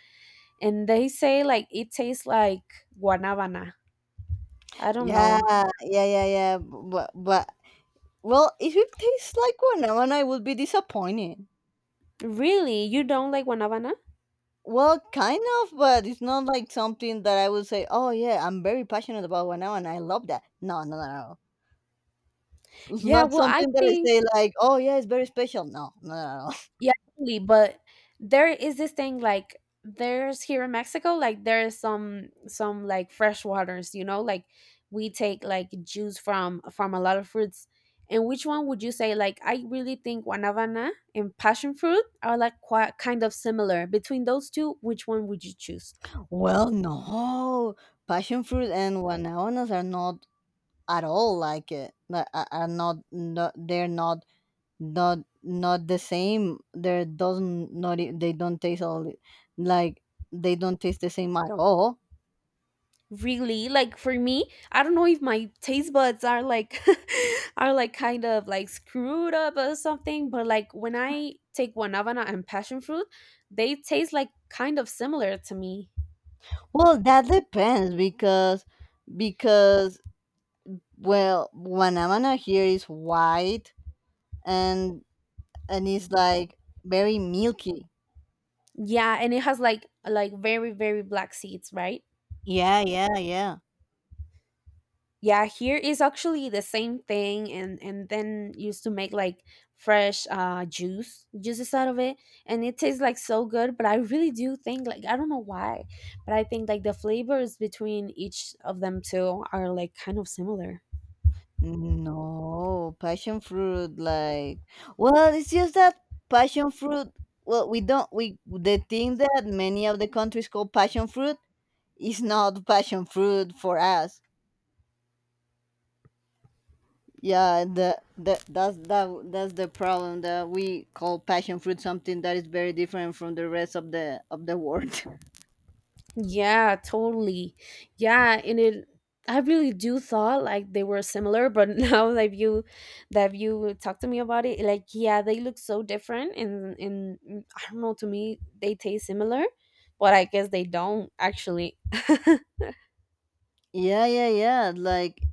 and they say like it tastes like guanabana. I don't yeah, know. yeah, yeah, yeah, but well, if it tastes like one, I would be disappointed. Really? You don't like guanabana? Well, kind of, but it's not like something that I would say, "Oh yeah, I'm very passionate about one now, and I love that." No, no, no, no. It's Yeah, not well I something that I think, say like, "Oh, yeah, it's very special." No, no, no, no. yeah, totally, but there is this thing like there's here in Mexico, like there is some like fresh waters, you know, like we take like juice from a lot of fruits. And which one would you say like I really think guanabana and passion fruit are like quite kind of similar. Between those two, which one would you choose? Well, no, passion fruit and guanabanas are not at all like it. Like, are not, they're not the same. They doesn't not e- They don't taste all like they don't taste the same at all. Really? Like for me, I don't know if my taste buds are like are like kind of like screwed up or something, but like when I take guanabana and passion fruit, they taste like kind of similar to me. Well, that depends because because well, guanabana here is white and it's like very milky. Yeah, and it has like very black seeds, right? Yeah, yeah, yeah. Yeah, here is actually the same thing, and then used to make like fresh juice juices out of it, and it tastes like so good, but I really do think like I don't know why, but I think like the flavors between each of them two are like kind of similar. No, passion fruit like, well, it's just that passion fruit, well, we don't we the thing that many of the countries call passion fruit is not passion fruit for us. Yeah, the that's the problem, that we call passion fruit something that is very different from the rest of the world. Yeah, totally. Yeah, and it I really do thought like they were similar, but now that you talk to me about it, like yeah, they look so different, and I don't know, to me they taste similar, but I guess they don't actually. Yeah, yeah, yeah. Like,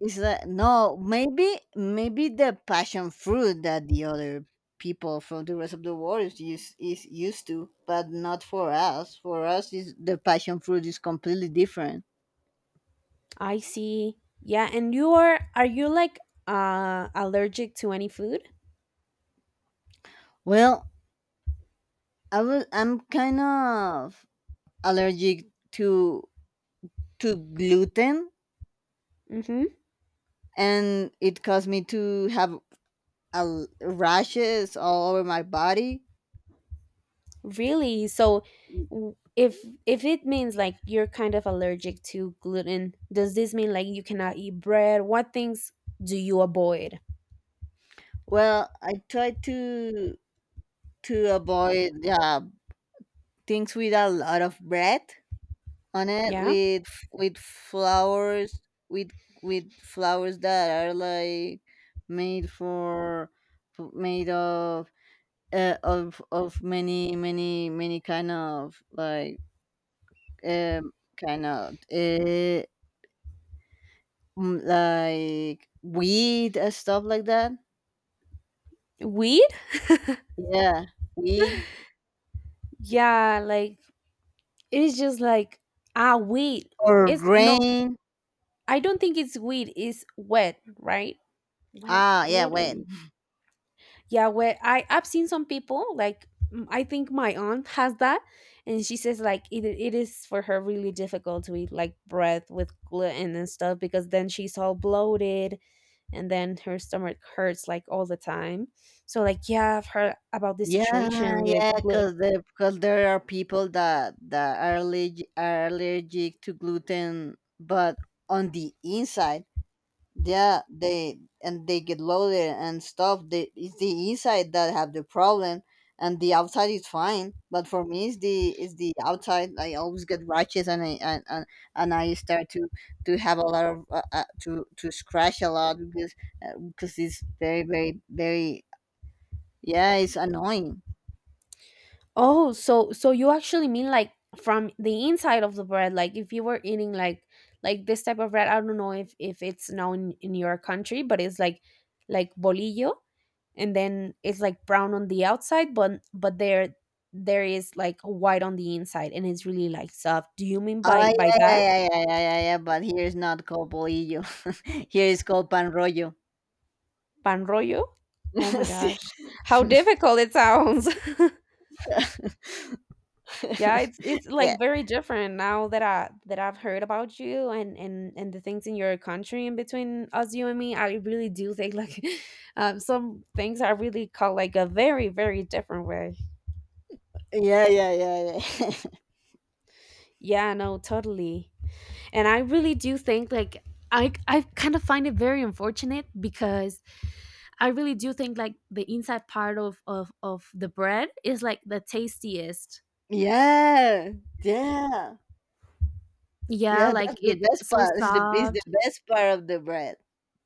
it's like, no, maybe the passion fruit that the other people from the rest of the world is used to, but not for us. For us, is the passion fruit is completely different. I see. Yeah, and you are you like allergic to any food? Well, I will. I'm kind of allergic to to gluten, Mhm. and it caused me to have rashes all over my body. Really? So w- if if it means like you're kind of allergic to gluten, does this mean like you cannot eat bread? What things do you avoid? Well, I try to avoid, things with a lot of bread on it, Yeah? with flowers, with flowers that are like made for, made of, of many many kind of like, um kind of, like weed and stuff like that. Wheat? Yeah, weed Yeah, like it is just like ah wheat. or It's no, grain. I don't think it's wheat, it's wet, right? Wet Yeah, wet or wait. yeah, where I've seen some people like mm, I think my aunt has that, and she says like it is for her really difficult to eat like bread with gluten and stuff because then she's all bloated and then her stomach hurts like all the time. So like yeah, I've heard about this Yeah, situation with yeah, gluten. because the because there are people that are allergic, to gluten, but on the inside, yeah, they get loaded and stuff. They, it's the inside that have the problem, and the outside is fine. But for me, it's the, outside. I always get rashes, and I and, I start to have a lot of, to scratch a lot because, because it's very, very, very, yeah, it's annoying. Oh, so so you actually mean like from the inside of the bread, like if you were eating like this type of bread, I don't know if it's known in your country, but it's like bolillo, and then it's like brown on the outside, but but there is like white on the inside, and it's really like soft, do you mean Oh by yeah, that? yeah, yeah, yeah, yeah, yeah, yeah. But here is not called bolillo. Here is called pan rollo. Pan rollo. Oh my Sí. gosh, how difficult it sounds. Yeah, it's Yeah, like very different now that I've heard about you and the things in your country, in between us, you and me, I really do think like some things are really called like a very different way. yeah, yeah, yeah, yeah, Yeah, no, totally. And I really do think like I kind of find it very unfortunate, because I really do think like the inside part of the bread is like the tastiest. yeah, yeah. Yeah, Yeah, that's like the it's best so part. Is the soft. best part of the bread.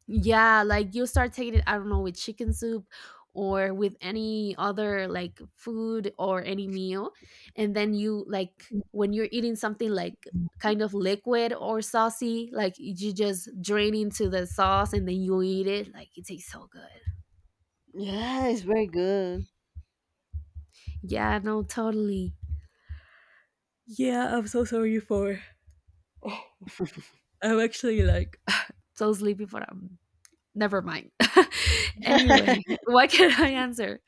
Yeah, like you start taking it, I don't know, with chicken soup or with any other like food or any meal. And then you like when you're eating something like kind of liquid or saucy, like you just drain into the sauce and then you eat it. Like it tastes so good. Yeah, it's very good. Yeah, no, totally. Yeah, I'm so sorry for. I'm actually like so sleepy but I'm. Never mind. Anyway, what can I answer?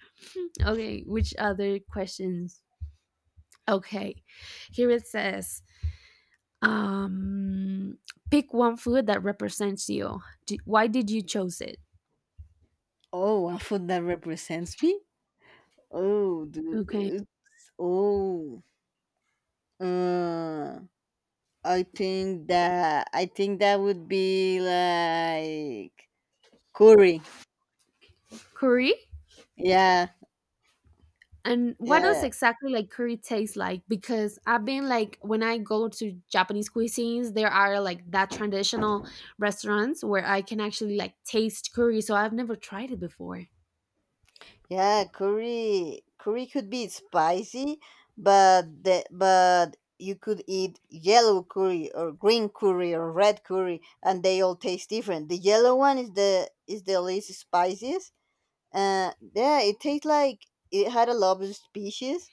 Okay, which other questions? Okay, here it says, um, pick one food that represents you. D- why did you choose it? Oh, a food that represents me. Oh, Okay, dude. oh. Uh, I think that, would be like curry. curry. Yeah, And what does yeah, exactly like curry taste like? Because I've been like when I go to Japanese cuisines, there are like that traditional restaurants where I can actually like taste curry. So I've never tried it before. yeah. Curry, curry could be spicy, but but you could eat yellow curry or green curry or red curry, and they all taste different. The yellow one is the least spiciest. Yeah, it tastes like it had a lot of species.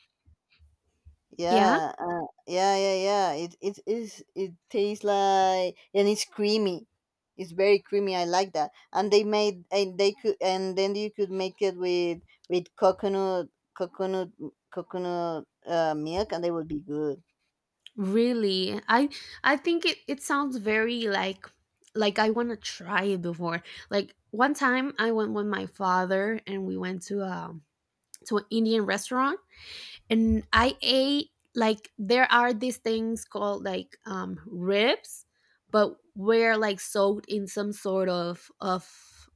Yeah. Yeah, yeah, yeah, yeah. It is. It tastes like, and it's creamy. It's very creamy. I like that. And they made and they could and then you could make it with with coconut coconut coconut milk, and they would be good. Really? I think it it sounds very like I want to try it before. Like one time I went with my father and we went to an Indian restaurant, and I ate like there are these things called like ribs, but we're like soaked in some sort of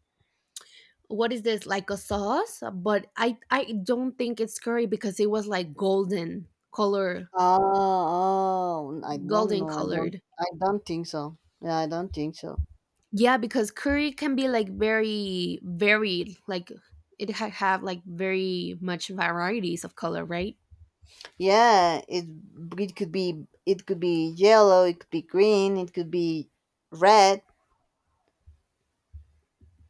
what is this like a sauce, but I don't think it's curry because it was like golden color, Oh, I don't golden know. Colored. I don't think so. Yeah, I don't think so. Yeah, because curry can be like very varied, like it ha- have like very much varieties of color, right? Yeah, it could be yellow. It could be green. It could be red.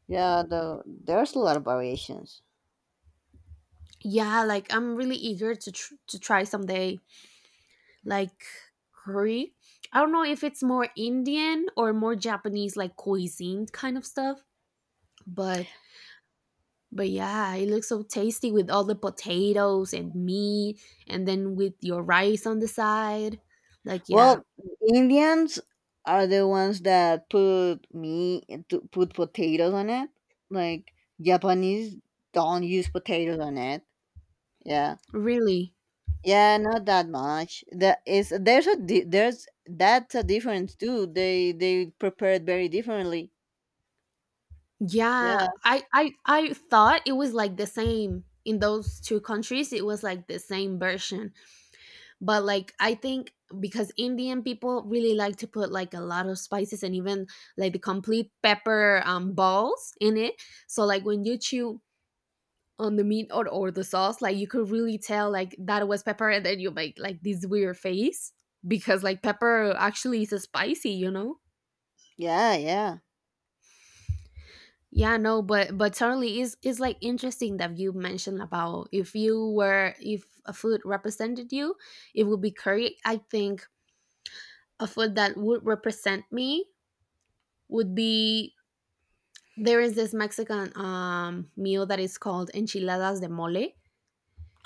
Yeah, there's a lot of variations. Yeah, like I'm really eager to tr- to try someday like curry. I don't know if it's more Indian or more Japanese like cuisine kind of stuff, but but yeah, it looks so tasty with all the potatoes and meat and then with your rice on the side. Like yeah, Well, Indians are the ones that put meat, to put potatoes on it. Like, Japanese don't use potatoes on it. Yeah, really. yeah, not that much. That is there's a di- There's that's a difference too. They prepare it very differently. Yeah, Yeah, I thought it was like the same in those two countries. It was like the same version, but like I think because Indian people really like to put like a lot of spices, and even like the complete pepper balls in it. So like when you chew on the meat or the sauce, like you could really tell like that was pepper, and then you make like this weird face because like pepper actually is a spicy, you know? yeah, yeah. Yeah, no, but certainly is like interesting that you mentioned about if you were if a food represented you, it would be curry. I think a food that would represent me would be there is this Mexican meal that is called enchiladas de mole.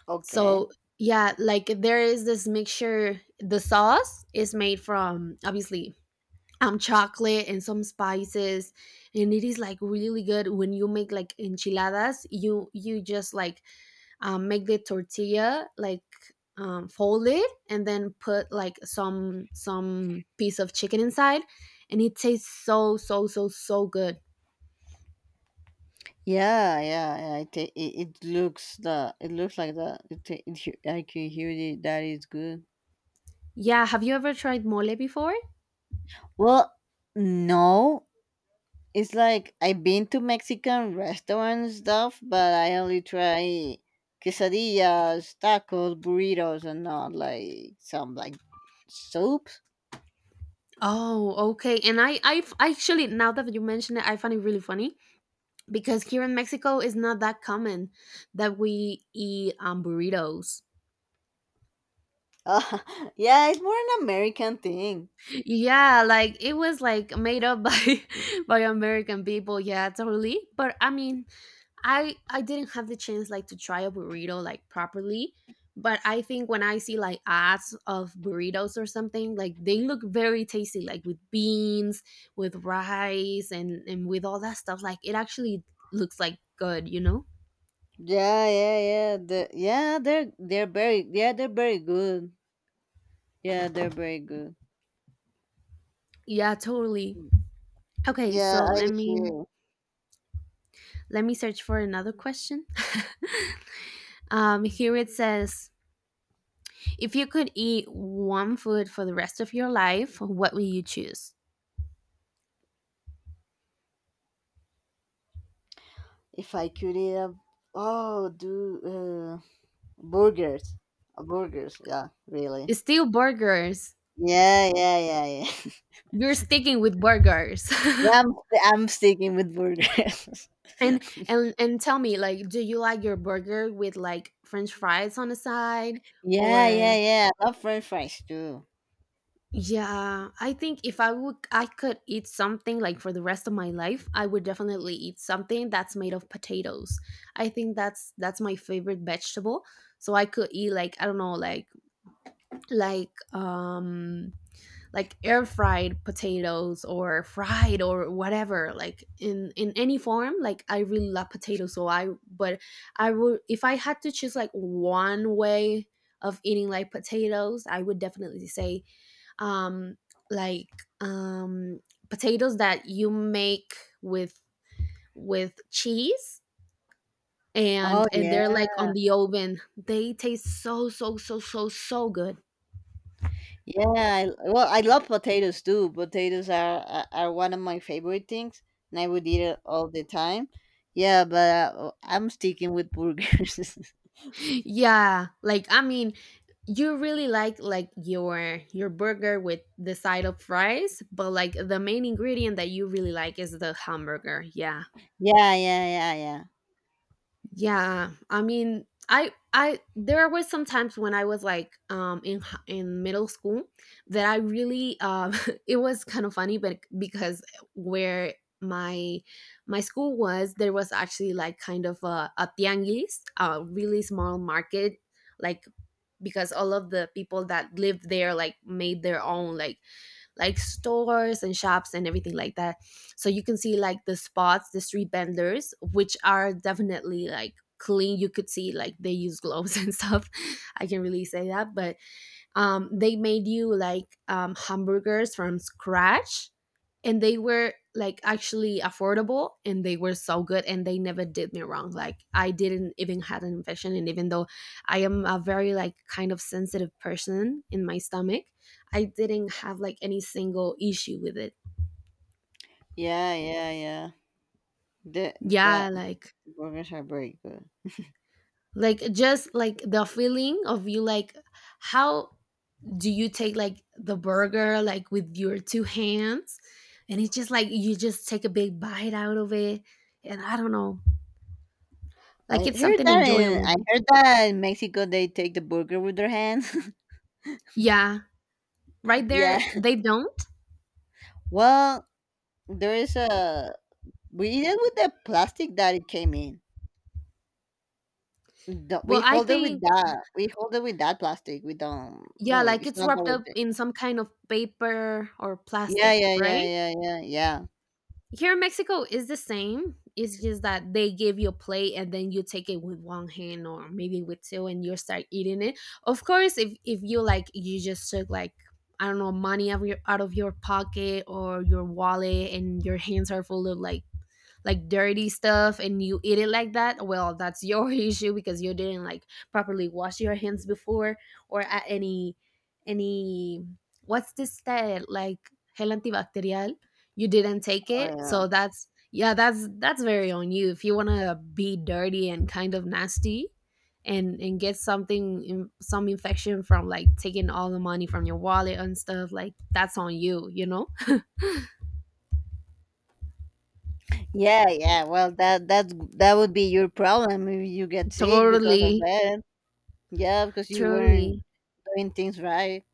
Okay. So yeah, like there is this mixture. The sauce is made from obviously chocolate and some spices, and it is like really good when you make like enchiladas you you just like make the tortilla like fold it and then put like some piece of chicken inside, and it tastes so so so so good. Yeah, yeah, yeah. It looks, the it looks like, I can hear, that is good. Yeah, have you ever tried mole before? Well, no. It's like, I've been to Mexican restaurants and stuff, but I only try quesadillas, tacos, burritos, and not like some like soups. Oh okay, and actually now that you mention it I find it really funny because here in Mexico it's not that common that we eat burritos. Uh, yeah, it's more an American thing. Yeah, like it was like made up by by American people, yeah totally, but I mean I didn't have the chance like to try a burrito like properly, but I think when I see like ads of burritos or something, like they look very tasty, like with beans, with rice, and with all that stuff. Like it actually looks like good, you know? Yeah, yeah, yeah. Yeah, they're very, yeah, they're very good. Yeah, they're very good. Yeah, totally. Okay, Yeah, so I hear. let me search for another question. Here it says, if you could eat one food for the rest of your life, what would you choose? If I could eat a, oh do burgers, burgers. Yeah, really. It's still burgers. Yeah, yeah, yeah, yeah. You're sticking with burgers. Yeah, I'm sticking with burgers. And and tell me like do you like your burger with like french fries on the side Yeah, yeah, or yeah. I love French fries too. yeah, I think if I would I could eat something like for the rest of my life, I would definitely eat something that's made of potatoes. I think that's my favorite vegetable. So I could eat like I don't know like um like air fried potatoes or fried or whatever like in any form, like I really love potatoes, so I but I would if I had to choose like one way of eating like potatoes, I would definitely say um like um potatoes that you make with with cheese, Oh and they're yeah, like on the oven, they taste so so so so so good. yeah. Well, I love potatoes too. Potatoes are, one of my favorite things, and I would eat it all the time. Yeah, but, I'm sticking with burgers. Yeah, like I mean, you really like your burger with the side of fries, but like the main ingredient that you really like is the hamburger, yeah. Yeah, yeah, yeah, Yeah, I mean I there were some times when I was like in middle school that I really it was kind of funny but because where my my school was, there was actually like kind of a tianguis, a really small market, like because all of the people that lived there like made their own like stores and shops and everything like that. So you can see like the spots the street vendors, which are definitely like clean, you could see like they use gloves and stuff, I can really say that, but they made you like hamburgers from scratch, and they were like actually affordable, and they were so good, and they never did me wrong, like I didn't even had an infection, and even though I am a very like kind of sensitive person in my stomach, I didn't have like any single issue with it. yeah, yeah, yeah, yeah. The Yeah, that Burgers are very good. like just like the feeling of you like how do you take like the burger like with your two hands, and it's just like you just take a big bite out of it, and I don't know like it's something enjoyable. I heard that in Mexico they take the burger with their hands. Yeah, right Yeah. there they don't. Well, there is a we eat it with the plastic that it came in. We Well, I hold it with think that. We hold it with that plastic. We don't yeah, like, like it's it's not that wrapped with up it. in some kind of paper or Yeah, plastic, yeah, yeah, right? yeah, yeah, yeah. Here in Mexico is the same. It's just that they give you a plate and then you take it with one hand or maybe with two and you start eating it. Of course, if you like you just took like I don't know money out of your pocket or your wallet and your hands are full of like dirty stuff and you eat it like that, well, that's your issue because you didn't like properly wash your hands before or at any what's this that like gel antibacterial you didn't take Oh, it, yeah. so that's yeah, that's very on you if you want to be dirty and kind of nasty and get something in, some infection from like taking all the money from your wallet and stuff, like that's on you, you know. Yeah, yeah. Well, that would be your problem if you get sick because of Totally. that. Yeah, because you weren't Totally. doing things right.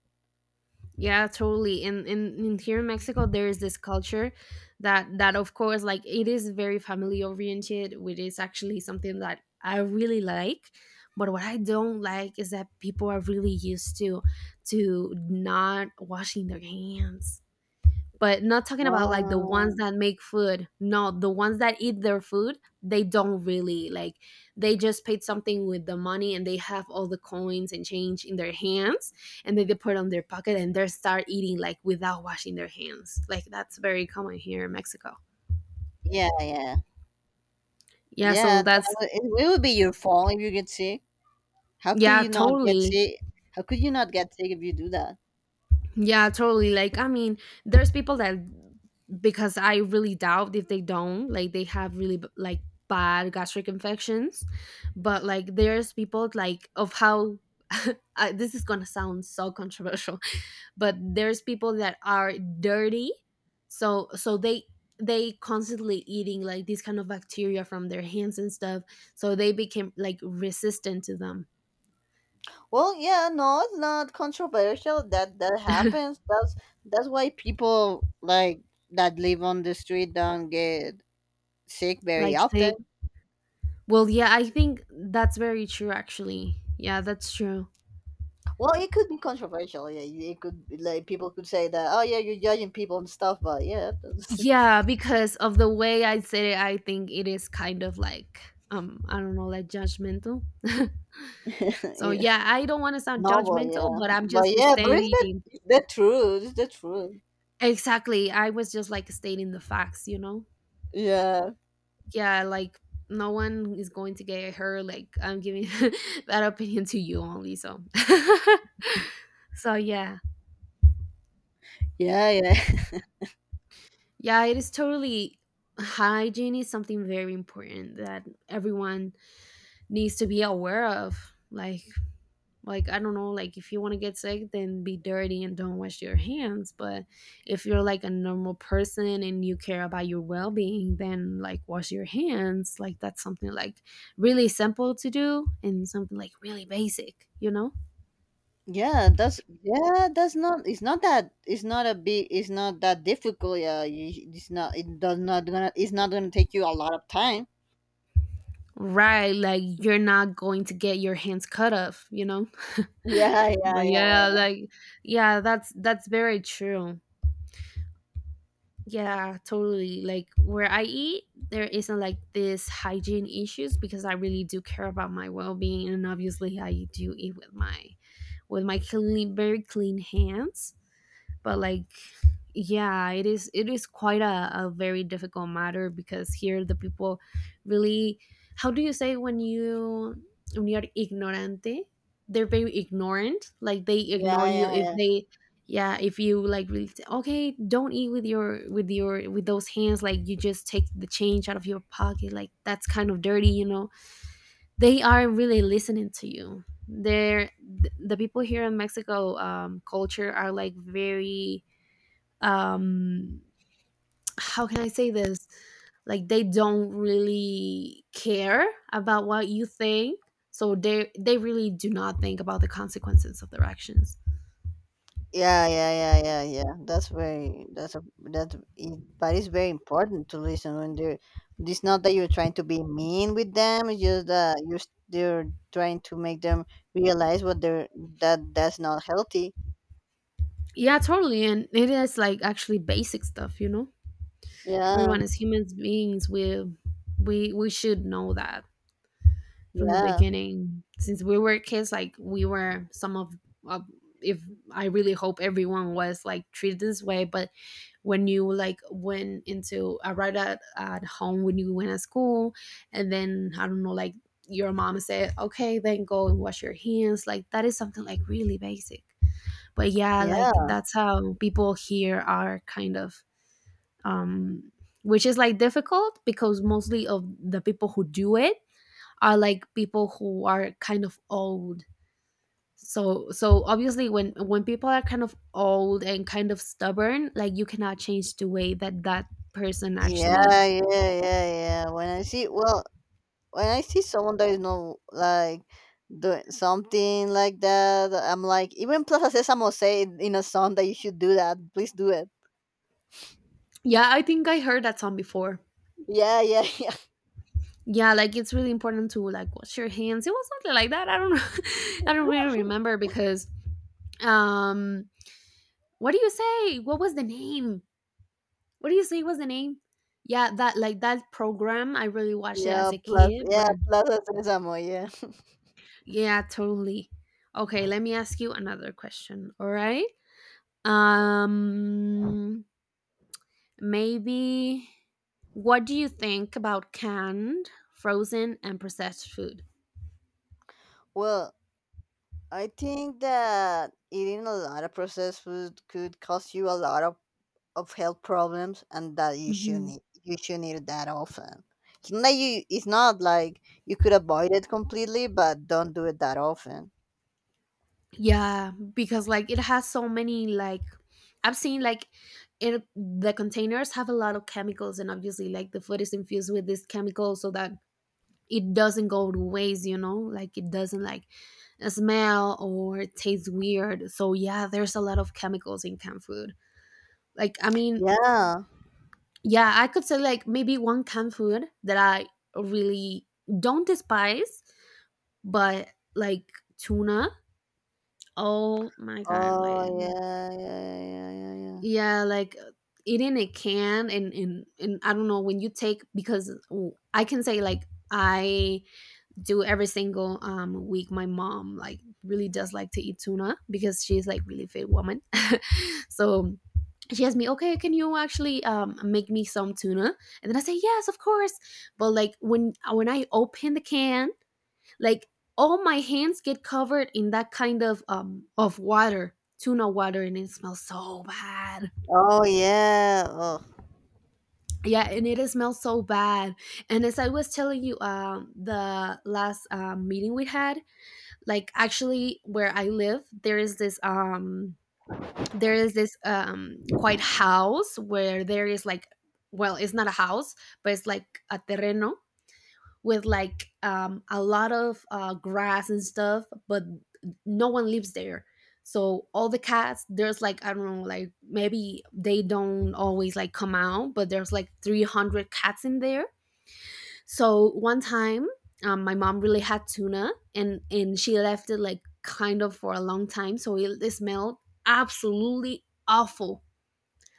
Yeah, totally. And in here in Mexico, there is this culture that of course, like it is very family oriented, which is actually something that I really like. But what I don't like is that people are really used to not washing their hands, but not talking about like the ones Oh, that make food, no, the ones that eat their food, they don't really like, they just paid something with the money and they have all the coins and change in their hands and then they put it on their pocket and they start eating like without washing their hands, like that's very common here in Mexico. yeah, yeah, Yeah, yeah. so that's It would be your fault if you get sick. How could yeah, you not get totally. sick? How could you not get sick if you do that? Yeah, totally. Like, I mean, there's people that because I really doubt if they don't, like they have really like bad gastric infections, but like there's people like of how I, this is gonna sound so controversial, but there's people that are dirty, so they constantly eating like these kind of bacteria from their hands and stuff, so they became like resistant to them, Well, yeah, no, it's not controversial. That happens. That's why people like that live on the street don't get sick very like often. sick. Well, yeah, I think that's very true, actually. Yeah, that's true. Well, it could be controversial. Yeah, it could be, like people could say that, "Oh, yeah, you're judging people and stuff." But yeah, that's, Yeah, because of the way I said it, I think it is kind of like, I don't know, like judgmental. So yeah, yeah, I don't want to sound no, but judgmental, yeah, but I'm but just yeah, but it's the stating the truth. It's the truth. exactly. I was just like stating the facts, you know. Yeah, Yeah, like no one is going to get hurt. Like I'm giving that opinion to you only. So, so yeah. yeah, yeah. Yeah, it is totally hygiene is something very important that everyone needs to be aware of. Like I don't know, like if you want to get sick then be dirty and don't wash your hands, but if you're like a normal person and you care about your well-being, then like wash your hands. Like that's something like really simple to do and something like really basic, you know? Yeah, that's, yeah, that's not. It's not that. It's not a big. It's not that difficult. Yeah, it's not. It does not gonna. It's not gonna take you a lot of time. Right, like you're not going to get your hands cut off, you know? Yeah, yeah, But yeah, yeah, yeah, like yeah, that's very true. Yeah, totally. Like where I eat, there isn't like this hygiene issues because I really do care about my well-being, and obviously I do eat with my clean, very clean hands, but like yeah, it is quite a very difficult matter because here the people really, how do you say when you when you're ignorante, they're very ignorant, like they ignore yeah, you yeah, if yeah. they yeah, if you like really say, okay, don't eat with your with your with those hands, like you just take the change out of your pocket, like that's kind of dirty, you know, they are really listening to you, they're the people here in Mexico culture are like very um how can I say this, like they don't really care about what you think, so they really do not think about the consequences of their actions. Yeah, yeah, yeah, yeah, yeah. That's very. That's a. That's. It, but it's very important to listen when they're. It's not that you're trying to be mean with them. It's just that you're. They're trying to make them realize what they're. That's not healthy. Yeah, totally, and it is like actually basic stuff, you know. Yeah. Everyone as humans beings we we should know that from the Yeah. beginning, since we were kids. Like we were some of uh, if I really hope everyone was like treated this way, but when you like went into arrived at home, when you went to school, and then I don't know, like your mom said, okay, then go and wash your hands, like that is something like really basic, but yeah, like Yeah. that's how people here are kind of um which is like difficult because mostly of the people who do it are like people who are kind of old, so obviously, when people are kind of old and kind of stubborn, like you cannot change the way that that person Yeah, actually. yeah, yeah, yeah. Well, when I see someone that is not like doing something like that, I'm like, even Plaza Sésamo say in a song that you should do that. Please do it. Yeah, I think I heard that song before. Yeah, yeah, yeah, Yeah, like it's really important to like wash your hands, it was something like that, I don't know. I don't really remember because um what do you say, what was the name, what do you say was the name. Yeah, that like that program, I really watched it yeah. as a Plus, kid, yeah, but Plaza Sésamo. Yeah. yeah, totally. Okay, let me ask you another question. All right. Um, maybe what do you think about canned, frozen, and processed food? Well, I think that eating a lot of processed food could cost you a lot of health problems, and that Hmm. You shouldn't eat that often. It's not like, you could avoid it completely, but don't do it that often. Yeah, because like it has so many like I've seen like it the containers have a lot of chemicals, and obviously like the food is infused with this chemical so that it doesn't go to waste, you know, like it doesn't like smell or taste weird. So yeah, there's a lot of chemicals in canned food. Like, I mean, Yeah. yeah, I could say like maybe one canned food that I really don't despise, but like tuna. Oh my god, Oh like yeah, yeah, yeah, yeah, yeah. Yeah. yeah, like eating a can and I don't know, when you take, because oh, I can say like I do every single week. My mom like really does like to eat tuna because she's like really fit woman. So she asked me, okay, can you actually make me some tuna? And then I say, yes, of course. But like when I open the can, like all my hands get covered in that kind of water, tuna water, and it smells so bad. Oh yeah. Oh, Yeah, and it smells so bad. And as I was telling you, the last meeting we had, like actually where I live there is this quite house where there is like, well, it's not a house, but it's like a terreno with like a lot of grass and stuff, but no one lives there, so all the cats, there's like I don't know, like maybe they don't always like come out, but there's like 300 cats in there. So one time, my mom really had tuna, and she left it like kind of for a long time, so it smelled absolutely awful,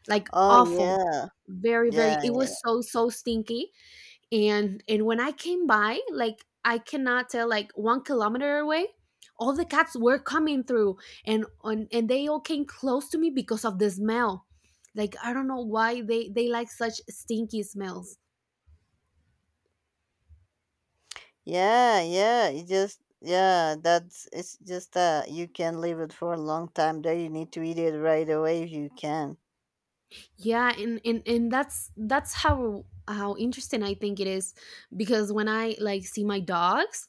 like oh awful, yeah. very very. It Yeah. was so so stinky, and when I came by, like I cannot tell, like 1 kilometer away. All the cats were coming through, and on and they all came close to me because of the smell. Like I don't know why they like such stinky smells. Yeah, yeah. It's just, you can leave it for a long time there. You need to eat it right away if you can. Yeah, and that's how interesting I think it is because when I like see my dogs,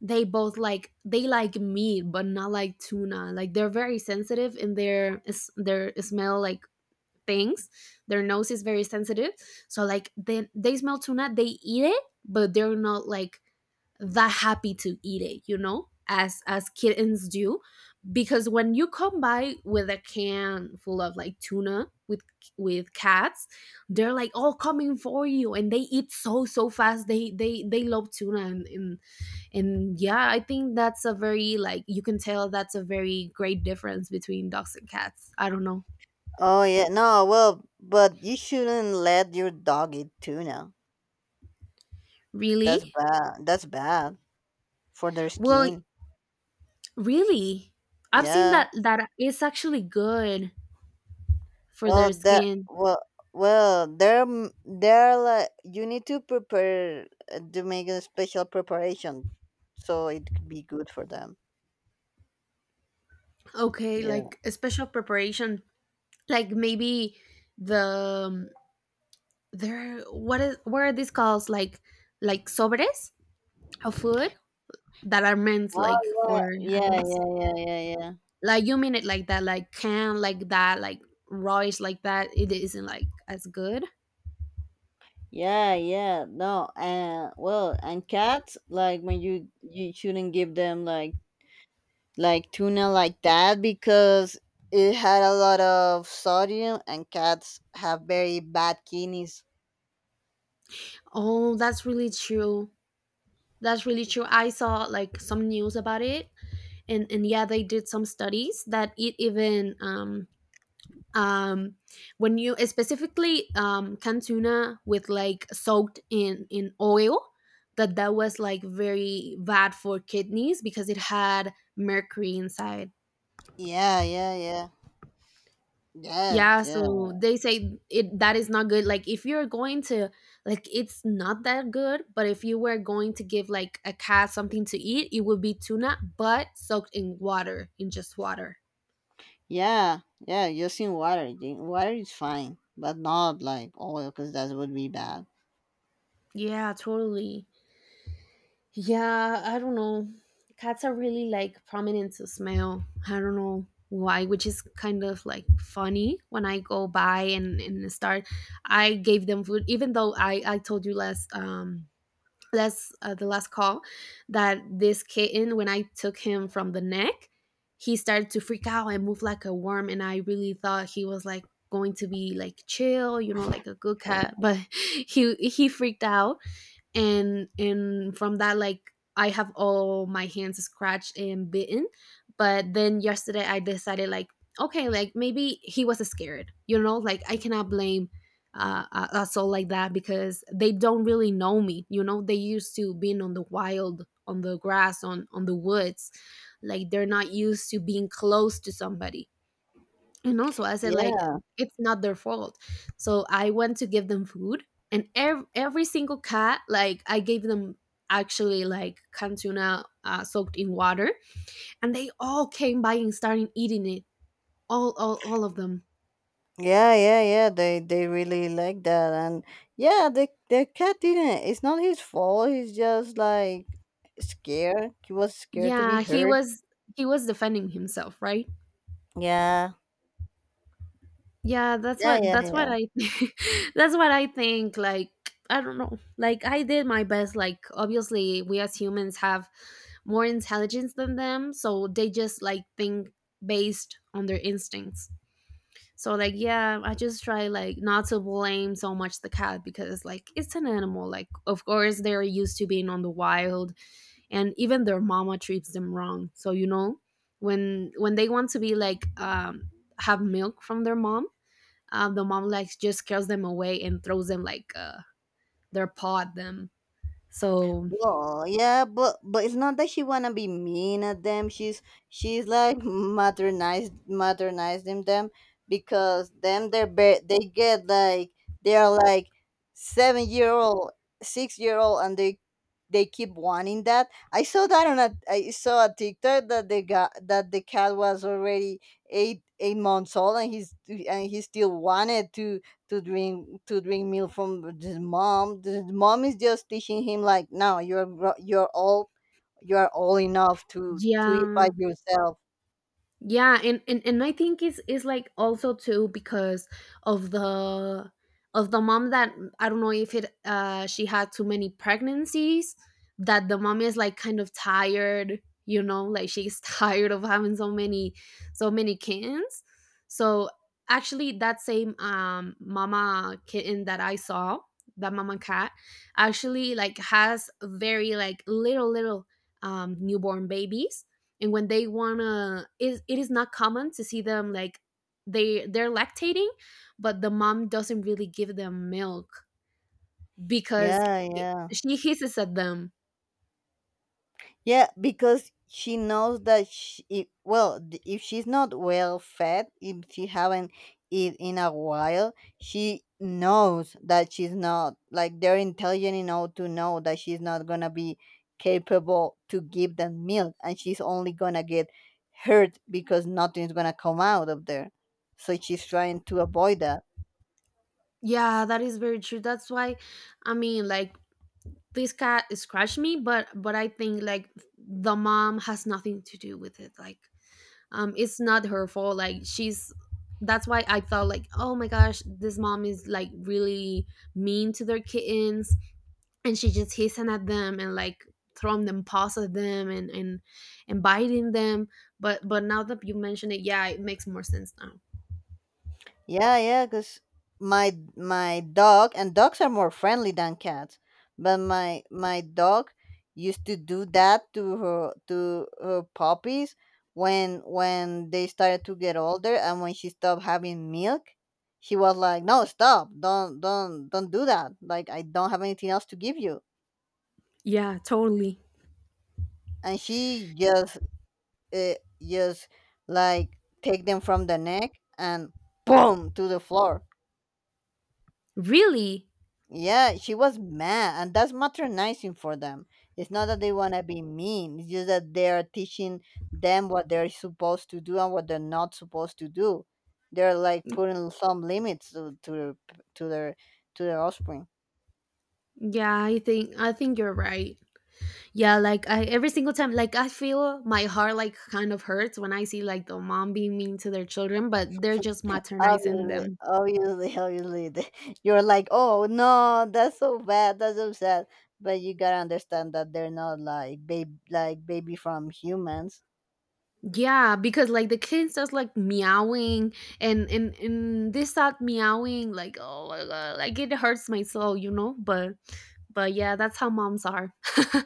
they both like, they like meat but not like tuna, like they're very sensitive and their their smell like things. Their nose is very sensitive. So like they smell tuna, they eat it, but they're not like that happy to eat it, you know, as kittens do. Because when you come by with a can full of like tuna with cats, they're like all coming for you and they eat so so fast. They love tuna and yeah, I think that's a very like you can tell that's a very great difference between dogs and cats. I don't know. Oh yeah, no, well, but you shouldn't let your dog eat tuna. That's Really? bad. That's bad for their Well, skin. really? I've seen Yeah. that it's actually good for Well, their that skin. well well they're m- they're like, you need to prepare, to make a special preparation so it could be good for them. Okay, Yeah. like a special preparation, like maybe the there what is what are these called? Like sobres of food that are meant like Oh for yeah, yeah, animals. yeah, yeah, yeah, yeah, Like you mean it like that, like can like that, like rice like that. It isn't like as good. yeah, yeah. No, and well, and cats like, when you shouldn't give them like, tuna like that, because it had a lot of sodium, and cats have very bad kidneys. Oh, that's really true. That's really true. I saw like some news about it, and yeah they did some studies that it even um when you specifically canned tuna with like soaked in oil, that was like very bad for kidneys because it had mercury inside. Yeah, yeah, yeah. Yeah, Yeah, yeah. so they say it that is not good, like if you're going to, like it's not that good, but if you were going to give like a cat something to eat, it would be tuna but soaked in water, in just water. Yeah, yeah, just in water. Water is fine, but not like oil, because that would be bad. Yeah, totally. Yeah, I don't know. Cats are really like prominent to smell. I don't know why, which is kind of like funny when I go by and start. I gave them food, even though I told you last last the last call that this kitten, when I took him from the neck, he started to freak out and move like a worm, and I really thought he was like going to be like chill, you know, like a good cat, but he freaked out. And from that, like I have all my hands scratched and bitten. But then yesterday I decided, like, okay, like maybe he was scared, you know, like I cannot blame, a soul like that, because they don't really know me, you know. They used to being on the wild, on the grass, on the woods, like they're not used to being close to somebody. And also, I said, like, Yeah. it's not their fault. So I went to give them food, and every single cat, like, I gave them actually like canned tuna, soaked in water, and they all came by and started eating it. All of them. Yeah, yeah, yeah. They really like that. And yeah, the cat didn't. It's not his fault. He's just like scared. He was scared to be Yeah, hurt. He was defending himself, right? Yeah. Yeah, that's Yeah, what yeah, that's what yeah. I that's what I think. Like, I don't know. Like, I did my best. Like, obviously, we as humans have more intelligence than them, so they just like think based on their instincts. So like yeah, I just try like not to blame so much the cat, because like it's an animal, like of course they're used to being on the wild. And even their mama treats them wrong, so you know when they want to be like, have milk from their mom, the mom like just scares them away and throws them like, their paw at them, so. Well, yeah, but it's not that she wanna be mean at them. She's like maternized maternizing them, because them they're ba- they get like they are like 7-year old, 6-year old, and they keep wanting that. I saw a TikTok that they got that the cat was already eight months old, and he still wanted to drink milk from his mom. The mom is just teaching him like, no, you're all you are all enough to eat by Yeah, yourself. yeah, and I think it's like also too, because of the mom, that I don't know if it she had too many pregnancies, that the mom is like kind of tired, you know, like she's tired of having so many, kittens, so. Actually that same mama kitten that I saw, that mama cat, actually like has very like little newborn babies, and when they wanna it is not common to see them, like they're lactating, but the mom doesn't really give them milk because, Yeah, it, yeah. she hisses at them. Yeah, because she knows that she, if, well, if she's not well fed, if she haven't eat in a while, she knows that she's not like they're intelligent enough to know that she's not gonna be capable to give them milk, and she's only gonna get hurt because nothing's gonna come out of there. So she's trying to avoid that. Yeah, that is very true. That's why, I mean, like this cat scratched me, but I think like the mom has nothing to do with it, like, it's not her fault, like she's, that's why I thought, like, oh my gosh, this mom is like really mean to their kittens, and she just hissing at them, and like throwing them paws at them, and biting them. But now that you mention it, yeah, it makes more sense now. Yeah, yeah, because my dog and dogs are more friendly than cats, but my dog used to do that to her puppies when they started to get older and when she stopped having milk, she was like, "No, stop! Don't do that! Like I don't have anything else to give you." Yeah, totally. And she uh, just like take them from the neck and boom to the floor. Really. Yeah, she was mad, and that's matronizing for them. It's not that they want to be mean, it's just that they are teaching them what they're supposed to do and what they're not supposed to do. They're like putting some limits to their to their to their offspring. Yeah, I think you're right. Yeah, like, every single time, like I feel my heart like kind of hurts when I see like the mom being mean to their children, but they're just maternizing Obviously, them. obviously, obviously, you're like, oh no, that's so bad, that's so sad. But you gotta understand that they're not like baby, like baby from humans. Yeah, because like the kid starts like meowing, and they start meowing, like, oh my god, like it hurts my soul, you know. But yeah, that's how moms are.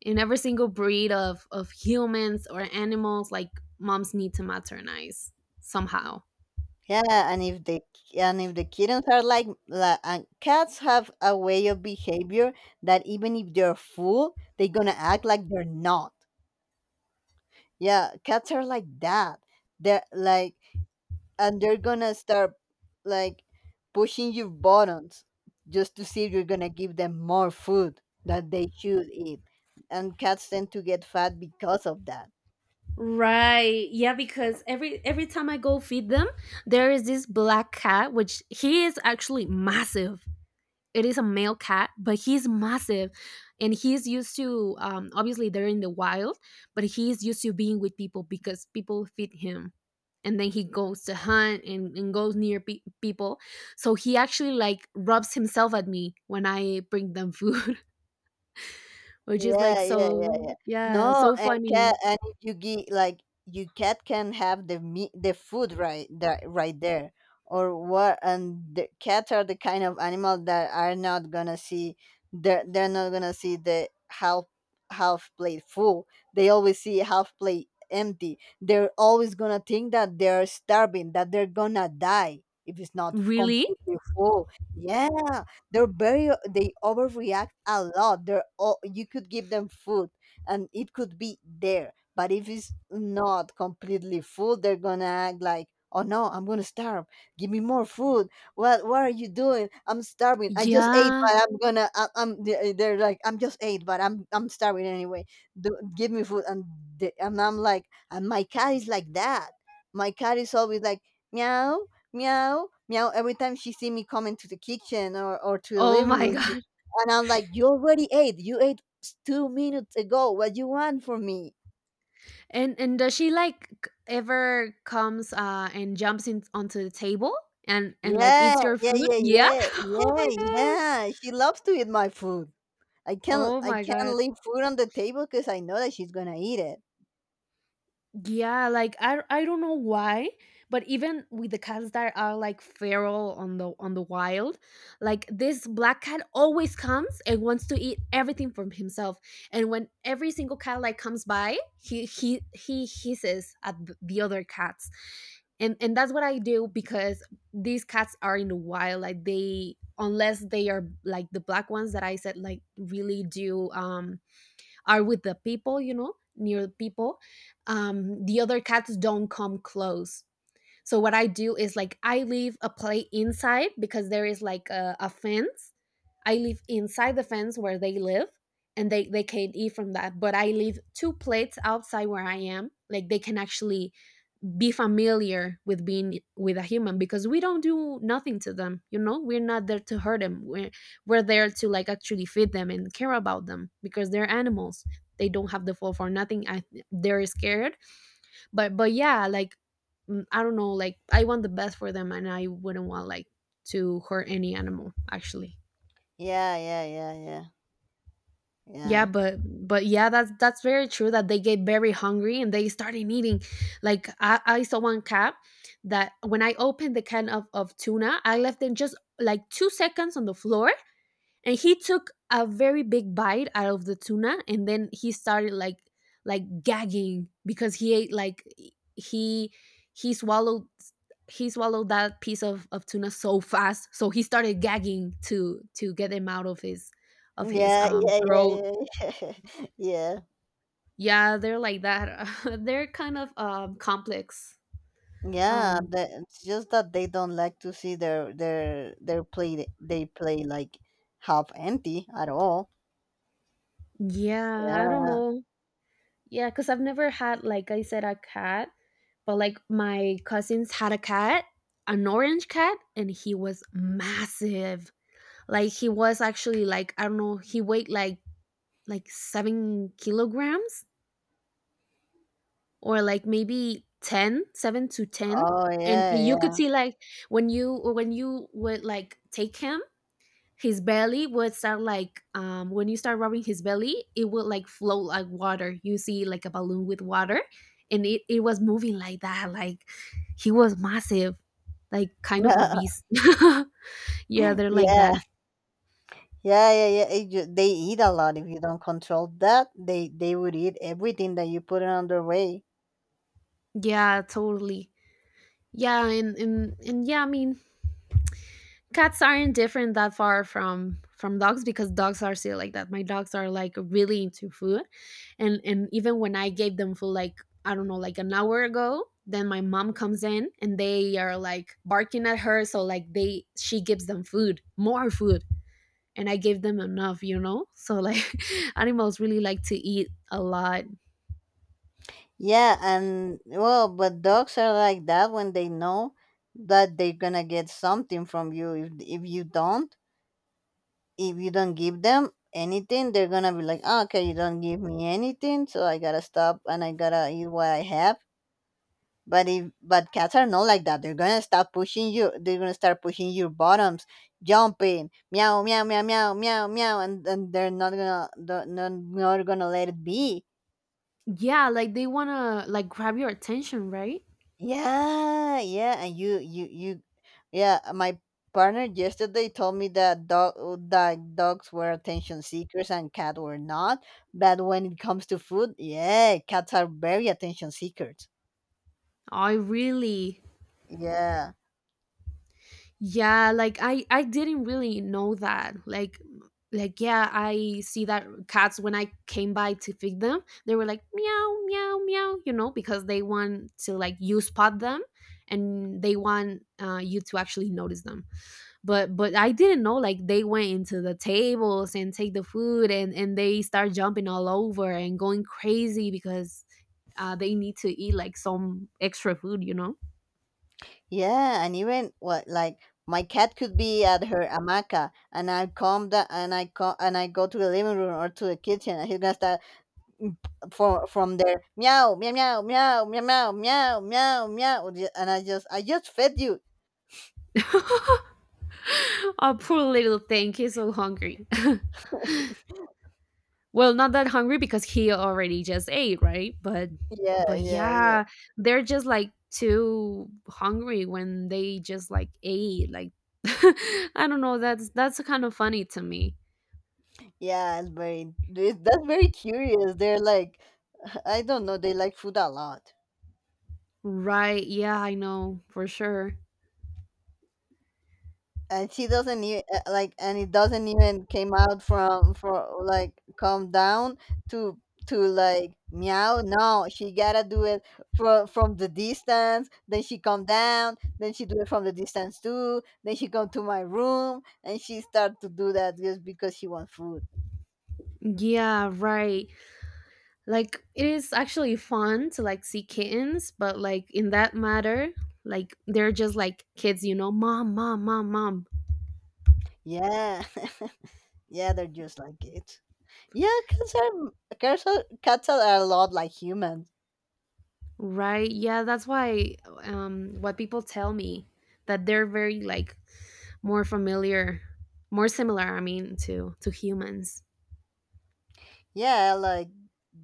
In every single breed of humans or animals, like moms need to maternize somehow. Yeah, and if the kittens are like and cats have a way of behavior that even if they're full, they're gonna act like they're not. Yeah, cats are like that. They're like, and they're gonna start like pushing your buttons just to see if you're gonna give them more food that they should eat. And cats tend to get fat because of that. Right. Yeah, because every time I go feed them, there is this black cat which he is actually massive. It is a male cat, but he's massive, and he's used to, obviously they're in the wild, but he's used to being with people because people feed him, and then he goes to hunt and goes near people. So he actually like rubs himself at me when I bring them food, which is like Yeah, yeah, so, yeah, yeah. yeah, No, so and cat, funny. and if you get like you cat can have the meat, the food right that right there, or what? And the cats are the kind of animal that are not gonna see. They're not gonna see the half half plate full. They always see half plate empty. They're always gonna think that they're starving, that they're gonna die if it's not Really? completely full. Yeah, they're very they overreact a lot they're all, you could give them food and it could be there but if it's not completely full they're gonna act like oh no, I'm gonna starve, give me more food, what are you doing, I'm starving, I just ate Yeah. but I'm gonna I, I'm they- they're like I'm just ate but I'm starving anyway. Do, give me food and they, and I'm like and my cat is like that, my cat is always like meow. Meow, meow. Every time she see me come into the kitchen or to the Oh living my room, god. and I'm like, you already ate. You ate 2 minutes ago. What you want from me? And does she like, ever comes and jumps in onto the table and like Yeah, eats your yeah, food? yeah, Yeah. yeah, Oh yeah, my gosh. yeah. She loves to eat my food. Oh I my can't god. leave food on the table because I know that she's gonna eat it. Yeah, like I don't know why, but even with the cats that are like feral on the wild, like this black cat always comes and wants to eat everything from himself. And when every single cat like comes by, he hisses at the other cats. And that's what I do, because these cats are in the wild, like they, unless they are like the black ones that I said, like, really do, are with the people, you know, near the people. The other cats don't come close. So what I do is like I leave a plate inside, because there is like a fence. I live inside the fence where they live, and they can't eat from that, but I leave two plates outside where I am, like they can actually be familiar with being with a human, because we don't do nothing to them, you know, we're not there to hurt them, we're there to like actually feed them and care about them because they're animals. They don't have the fault for nothing. They're scared. But yeah, like, I don't know, like I want the best for them, and I wouldn't want like to hurt any animal actually. Yeah, yeah, yeah, yeah, yeah, Yeah, but yeah, that's very true that they get very hungry and they started eating. Like I saw one cat that when I opened the can of tuna, I left them just like 2 seconds on the floor, and he took a very big bite out of the tuna, and then he started like, gagging because he ate like, he he swallowed he swallowed that piece of tuna so fast. So he started gagging to get him out of his, yeah, yeah, throat. yeah, yeah, yeah. Yeah. Yeah, they're like that. They're kind of complex. Yeah, Um the, it's just that they don't like to see their play. They play like half empty at all. yeah, I don't Yeah. know. Yeah, cuz I've never had, like I said, a cat, but like my cousins had a cat, an orange cat, and he was massive. Like he was actually, like I don't know, he weighed like, 7 kilograms, or like maybe 10, 7 to 10. Oh And yeah, you could yeah, see like when you would like take him, his belly would start like, when you start rubbing his belly, it would like float like water, you see like a balloon with water, and it was moving like that, like he was massive, like kind of a beast. Yeah, they're like yeah, that. yeah, yeah, yeah. They eat a lot. If you don't control that, they would eat everything that you put on their way. Yeah, totally. Yeah, and yeah, I mean, cats aren't different that far from dogs because dogs are still like that. My dogs are like really into food, and even when I gave them food, like I don't know, like an hour ago, then my mom comes in and they are like barking at her. So like they she gives them food, more food, and I gave them enough, you know. So like animals really like to eat a lot. Yeah, and well, but dogs are like that when they know that they're gonna get something from you. If you don't, if you don't give them anything, they're gonna be like, "Ah, okay, you don't give me anything, so I gotta stop and I gotta eat what I have." But if but cats are not like that. They're gonna start pushing you. They're gonna start pushing your bottoms, jumping, meow, meow, meow, meow, meow, meow, and, they're not, not gonna let it be. Yeah, like they wanna like grab your attention, right? Yeah, yeah, and yeah. My partner yesterday told me that dogs were attention seekers and cat were not. But when it comes to food, yeah, cats are very attention seekers. I really. Yeah, Yeah, like I didn't really know that. Like, yeah, I see that cats when I came by to feed them, they were like meow meow meow, you know, because they want to, like, you spot them, and they want, you to actually notice them. But I didn't know like they went into the tables and take the food, and they start jumping all over and going crazy because, they need to eat like some extra food, you know. yeah, and even what like my cat could be at her hamaca, and I come and I go to the living room or to the kitchen, and he's gonna start m- for from there meow meow meow meow meow meow meow meow meow and I just fed you. Oh, poor little thing. He's so hungry. Well, not that hungry because he already just ate, right? But Yeah but yeah yeah yeah, they're just like too hungry when they just like ate. Like I don't know. That's kind of funny to me. yeah, it's very that's very curious, they're like I don't know, they like food a lot. Right. Yeah, I know for sure. And she doesn't even like, and it doesn't even came out from for like come down to to like meow, no she gotta do it from the distance, then she come down, then she do it from the distance too, then she come to my room and she start to do that just because she want food. Yeah, right. Like it is actually fun to like see kittens, but like in that matter, like they're just like kids, you know, mom, mom, mom, mom. Yeah. Yeah, they're just like it. Yeah cats are, cats are a lot like humans. Right. Yeah, that's why, what people tell me, that they're very like more familiar, more similar, I mean, to humans. Yeah, like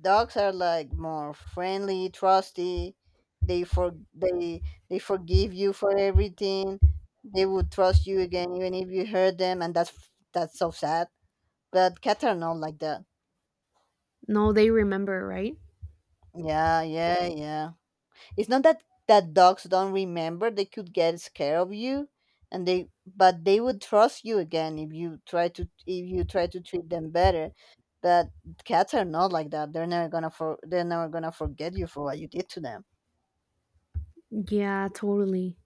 dogs are like more friendly, trusty. They for they they forgive you for everything. They would trust you again even if you hurt them, and that's so sad. But cats are not like that. No, they remember, right? Yeah, yeah, yeah. It's not that that dogs don't remember; they could get scared of you, and they but they would trust you again if you try to treat them better. But cats are not like that. They're never gonna forget you for what you did to them. Yeah, totally.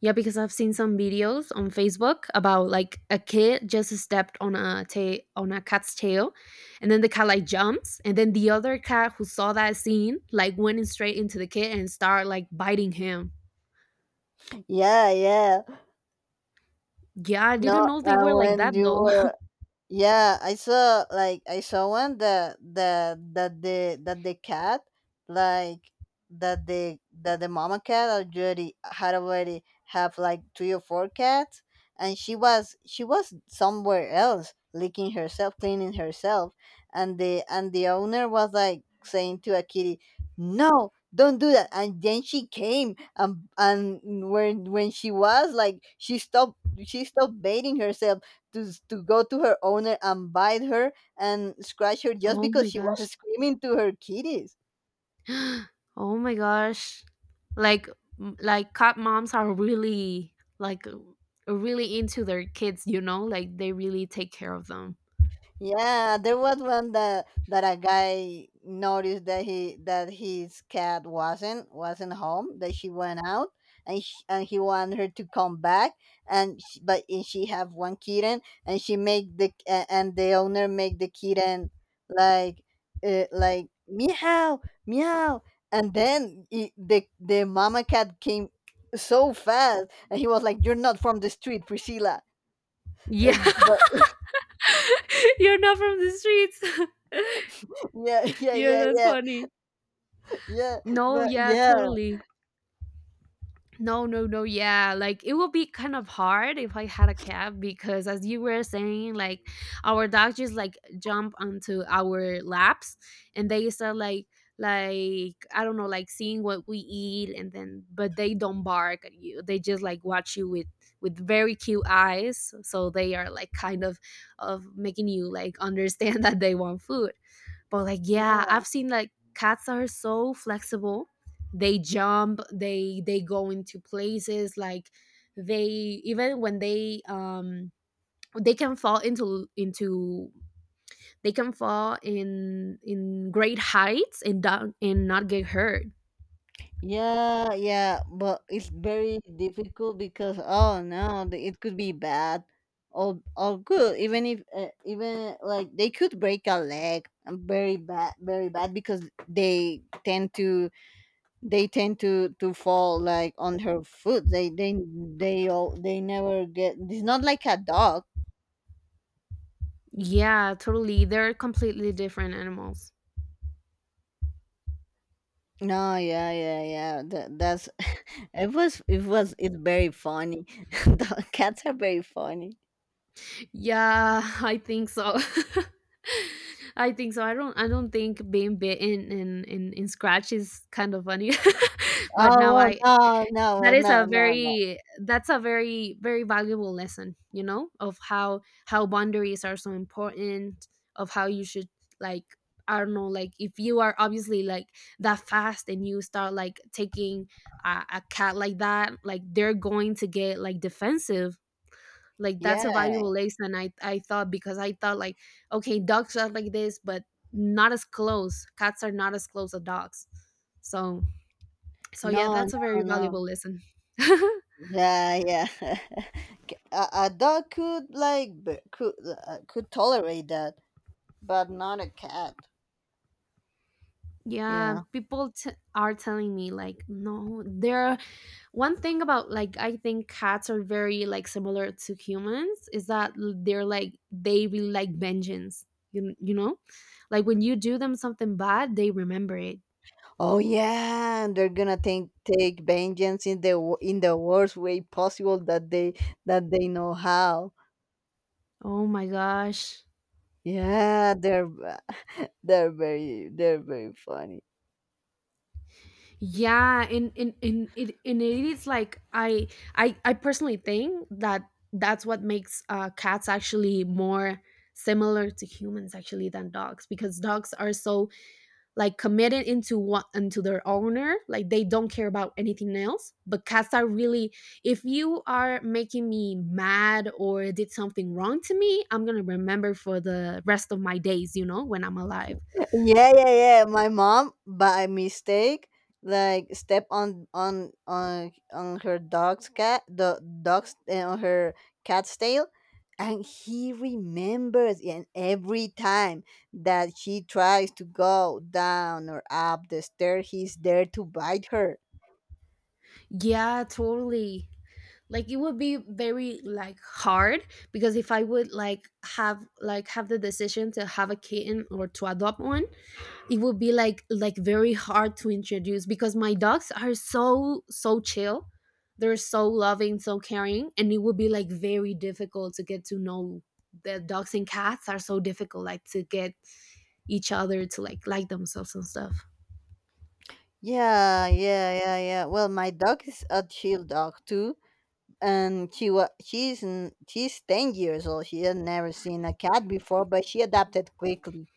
Yeah, because I've seen some videos on Facebook about like a kid just stepped on on a cat's tail, and then the cat like jumps, and then the other cat who saw that scene like went in straight into the kid and started like biting him. Yeah, yeah. Yeah, I No, didn't know they and were like when that you though. were. Yeah, I saw like I saw one that that that the cat like that the mama cat already had already have like three or four cats, and she was somewhere else licking herself, cleaning herself, and the owner was like saying to a kitty, no, don't do that. And then she came and when she was like she stopped, bathing herself to, to go to her owner and bite her and scratch her just Oh because my she gosh. was screaming to her kitties. Oh my gosh. Like like cat moms are really really into their kids, you know? Like they really take care of them. Yeah, there was one that that a guy noticed that he that his cat wasn't home, that she went out, and sh and he wanted her to come back, and sh but and she have one kitten, and she make the a- and the owner make the kitten like like meow meow, and then it, the mama cat came so fast, and he was like, "You're not from the street, Priscilla," Yeah. and but You're not from the streets. yeah yeah Yeah, yeah that's yeah. funny. Yeah, No, but yeah, yeah, totally. No, no, no. Yeah, like it would be kind of hard if I had a cat because, as you were saying, like our dogs just like jump onto our laps and they start like I don't know, like seeing what we eat and then but they don't bark at you. They just like watch you with very cute eyes. So they are like kind of making you like understand that they want food. But like yeah, yeah, I've seen like cats are so flexible they jump they go into places like they even when they can fall into they can fall in great heights and not get hurt. yeah, yeah. But it's very difficult because oh no, it could be bad or good. Even if even like they could break a leg, very bad because they tend to they tend to fall like on her foot. They never get. It's not like a dog. Yeah, totally, they're completely different animals. No, yeah, yeah, yeah. That, that's it's very funny. The cats are very funny. Yeah. I think so. I think so, I don't think being bitten and scratch is kind of funny. But Oh now well, I no, no, that well, is no, a no, no. very that's a very valuable lesson, you know, of how boundaries are so important, of how you should like I don't know, like if you are obviously like that fast and you start like taking a cat like that, like they're going to get like defensive. Like Yeah, that's a valuable lesson, I thought, because I thought like okay, dogs are like this but not as close. Cats are not as close as dogs, so so yeah, no, that's a no, very no. valuable lesson. Yeah, yeah. A dog could like could tolerate that, but not a cat. Yeah, Yeah. people t- are telling me like no, there one thing about like I think cats are very like similar to humans is that they're like they really like vengeance. You know? Like when you do them something bad, they remember it. Oh yeah, and they're gonna take take vengeance in the in the worst way possible that they know how. Oh my gosh. Yeah, they're very funny. Yeah, and it and it is like I personally think that that's what makes cats actually more similar to humans actually than dogs, because dogs are so like committed into what into their owner. Like they don't care about anything else, but cats are really, if you are making me mad or did something wrong to me, I'm gonna remember for the rest of my days, you know, when I'm alive. Yeah, yeah, yeah. My mom, by mistake, like step on on her dog's cat, the dog's on her cat's tail, and he remembers. And every time that she tries to go down or up the stair, he's there to bite her. Yeah, totally. Like it would be very like hard, because if I would like have the decision to have a kitten or to adopt one, it would be like very hard to introduce, because my dogs are so so chill. They're so loving, so caring, and it would be like very difficult to get to know. The dogs and cats are so difficult like to get each other to like themselves and stuff. Yeah, yeah, yeah, yeah. Well, my dog is a chill dog too, and she was she's 10 years old, she had never seen a cat before but she adapted quickly.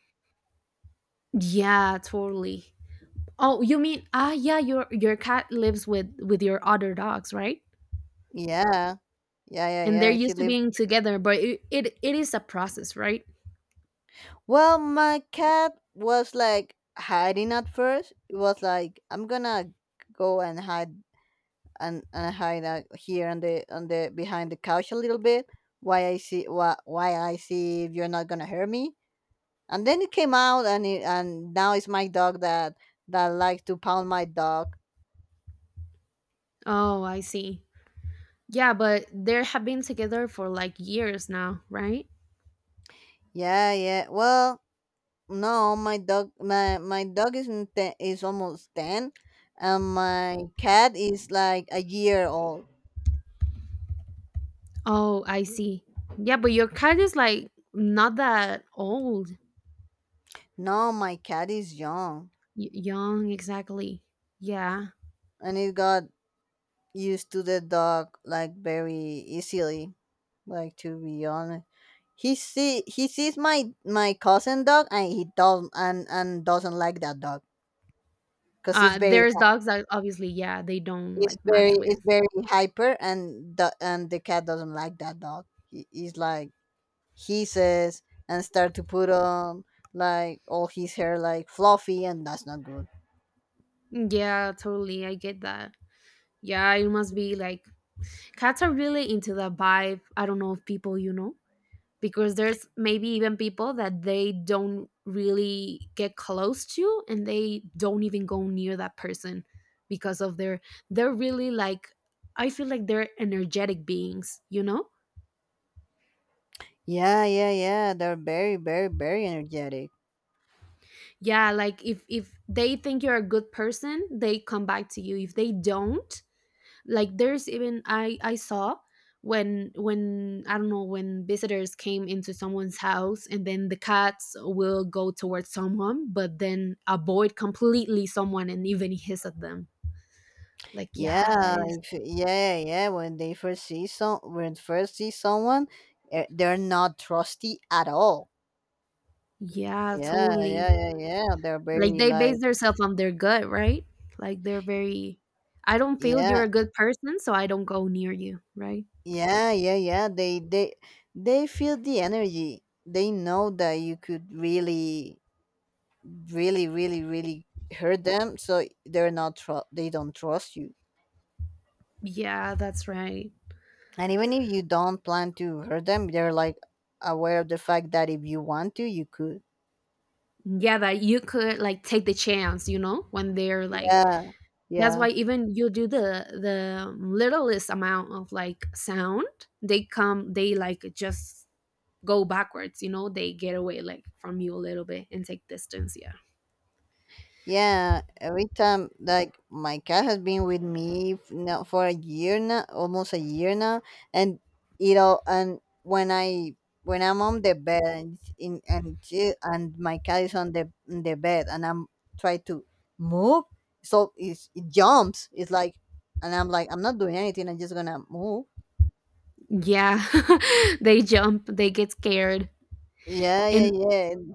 Yeah, totally. Oh, you mean, ah yeah, your cat lives with your other dogs, right? Yeah yeah yeah And they're yeah she used to lived. being together, but it is a process, right? Well, my cat was like hiding at first, it was like, I'm gonna go and hide here on the behind the couch a little bit, why I see if you're not gonna hurt me. And then it came out and it, and now it's my dog that that likes to pound my dog. Oh, I see. Yeah, but they have been together for like years now, right? Yeah, yeah. Well, no, my dog, my dog is in is almost ten, and my cat is like a year old. Oh, I see. Yeah, but your cat is like not that old, No, my cat is young, young, exactly. Yeah. and it got used to the dog like very easily. Like to be honest, he sees my cousin dog, and he doesn't and doesn't like that dog because There's dogs that obviously, yeah, they don't it's like match with. very hyper, and the cat doesn't like that dog. He, he's like he says and start to put on like all his hair, like fluffy, and that's not good. Yeah, totally. I get that. Yeah, it must be like cats are really into the vibe. I don't know if people, you know. Because there's maybe even people that they don't really get close to and they don't even go near that person because of their they're really like I feel like they're energetic beings, you know? Yeah, they're very energetic. Yeah, like if they think you're a good person, they come back to you. If they don't, like there's even I saw when when I don't know, when visitors came into someone's house and then the cats will go towards someone but then avoid completely someone and even hiss at them. Like yeah, that Yeah is if, yeah yeah yeah, When they first see some when first see someone, they're not trusty at all. yeah yeah totally, yeah yeah yeah they're like very they like… base themselves on their gut, right? Like they're very I don't feel yeah you're a good person, so I don't go near you, right? yeah, they feel the energy. They know that you could really hurt them, so they're not tru- they don't trust you. Yeah, that's right. And even if you don't plan to hurt them, they're like aware of the fact that if you want to, you could. Yeah, that you could like take the chance, you know, when they're like yeah that's yeah why even you do the littlest amount of like sound, they come, they like just go backwards, you know, they get away like from you a little bit and take distance. Yeah. Yeah, every time, like my cat has been with me now for a year now, almost a year now, and you know, and when I, when I'm on the bed and it's in and she, and my cat is on the in the bed and I'm try to move, so it jumps. It's like… And I'm like, I'm not doing anything. I'm just gonna move. Yeah. They jump, they get scared. Yeah, yeah, And yeah,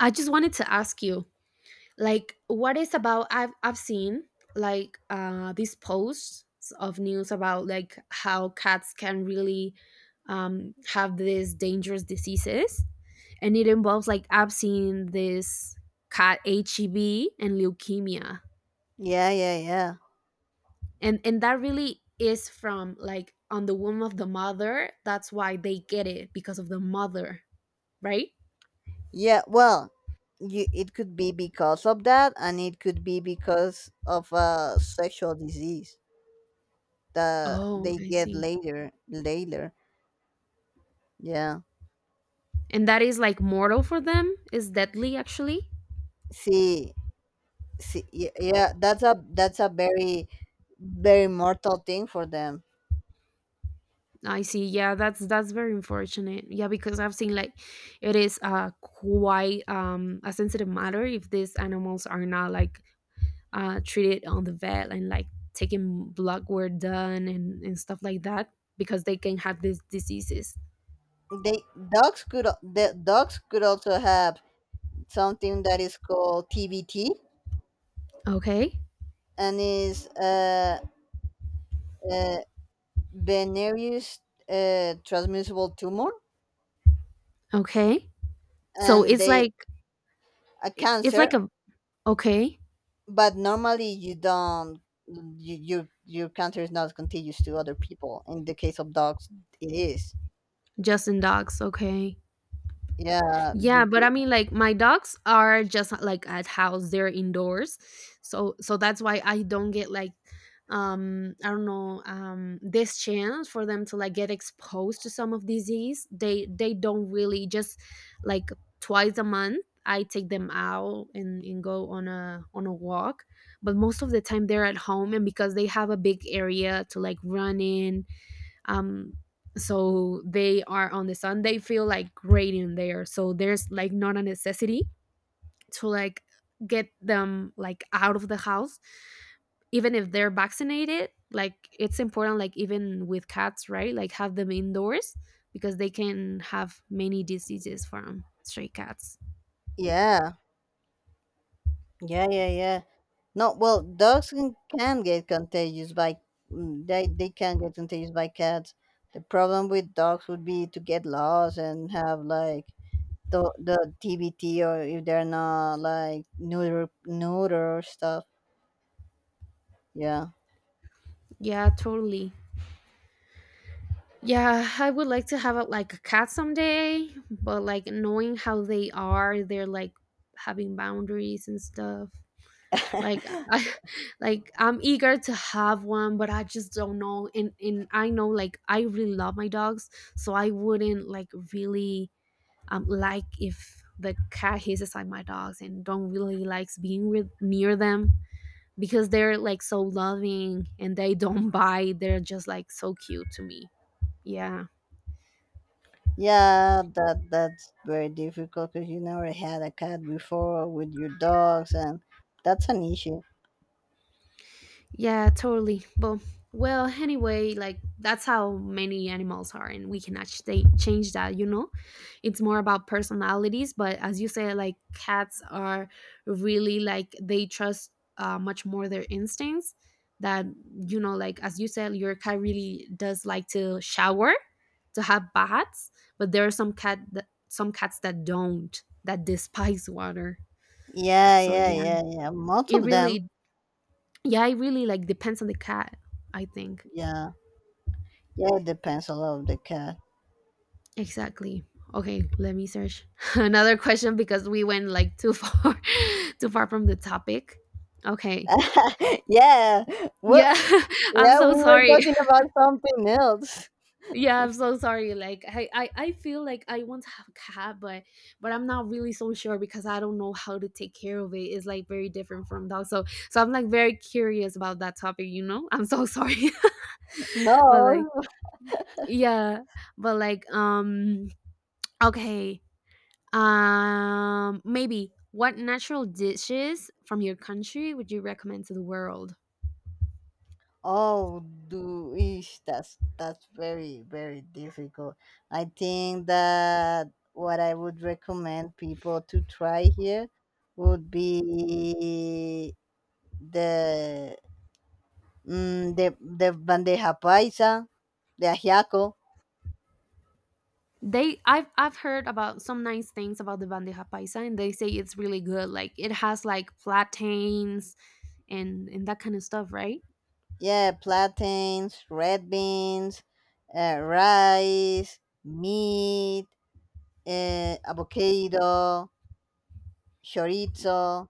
I just wanted to ask you, like, what is about I've seen like these posts of news about like how cats can really have these dangerous diseases, and it involves like I've seen this cat HEB and leukemia, yeah. and that really is from like on the womb of the mother. That's why they get it because of the mother, right? Yeah, well, you, it could be because of that, and it could be because of a sexual disease that Oh, they I get see. later. Later, yeah. And that is like mortal for them. Is deadly actually. See, yeah. That's a very very mortal thing for them. I see. Yeah, that's very unfortunate. Yeah, because I've seen like it is quite a sensitive matter if these animals are not like treated on the vet and like taking blood work done and stuff like that, because they can have these diseases. They Dogs could the dogs could also have something that is called TBT, Okay. and is, uh venerius, transmissible tumor, Okay. So and they a it's like cancer. a okay, But normally you your cancer is not contagious to other people. In the case of dogs, it is. just in dogs, okay. Yeah, you Yeah, but could. I mean, like my dogs are just like at house; they're indoors, so so that's why I don't get like, I don't know, this chance for them to like get exposed to some of disease. They don't really just like twice a month. I take them out and go on a walk, but most of the time they're at home, and because they have a big area to like run in, um so they are on the sun, they feel like great in there, so there's like not a necessity to like get them like out of the house, even if they're vaccinated. Like it's important, like even with cats, right, like have them indoors because they can have many diseases from stray cats. Yeah yeah yeah yeah No, well, dogs can get contagious by they can get contagious by cats. The problem with dogs would be to get lost and have like the TBT, or if they're not like neuter stuff. Yeah. Yeah, totally. Yeah, I would like to have a, like a cat someday, but like knowing how they are, they're like having boundaries and stuff. Like I, like I'm eager to have one, but I just don't know, and and I know like I really love my dogs, so I wouldn't like really like if the cat hisses at my dogs and don't really likes being with near them, because they're like so loving and they don't bite. They're just like so cute to me, yeah. Yeah, that that's very difficult because you never had a cat before with your dogs, and that's an issue. Yeah, totally, but well anyway, like that's how many animals are, and we cannot they change that, you know. It's more about personalities, but as you say, like cats are really like they trust much more their instincts, that you know like as you said your cat really does like to shower, to have baths, but there are some cats that don't, that despise water. Yeah, So yeah, yeah, yeah, yeah. Most it of them. really yeah, it really like depends on the cat, I think. Yeah, yeah. It depends a lot of the cat. Exactly. Okay, let me search another question, because we went like too far too far from the topic. Okay. yeah. Well, Yeah, I'm yeah. so We were sorry. talking about something else. Yeah, I'm so sorry. Like I feel like I want to have a cat, but I'm not really so sure because I don't know how to take care of it. It's like very different from dog. So so I'm like very curious about that topic, you know? I'm so sorry. But like No. yeah. But like okay. Maybe what natural dishes from your country would you recommend to the world? Oh, that's very very difficult. I think that what I would recommend people to try here would be the the bandeja paisa, the ajiaco. They, I've heard about some nice things about the bandeja paisa, and they say it's really good. Like it has like plantains and that kind of stuff, right? Yeah, plantains, red beans, rice, meat, avocado, chorizo.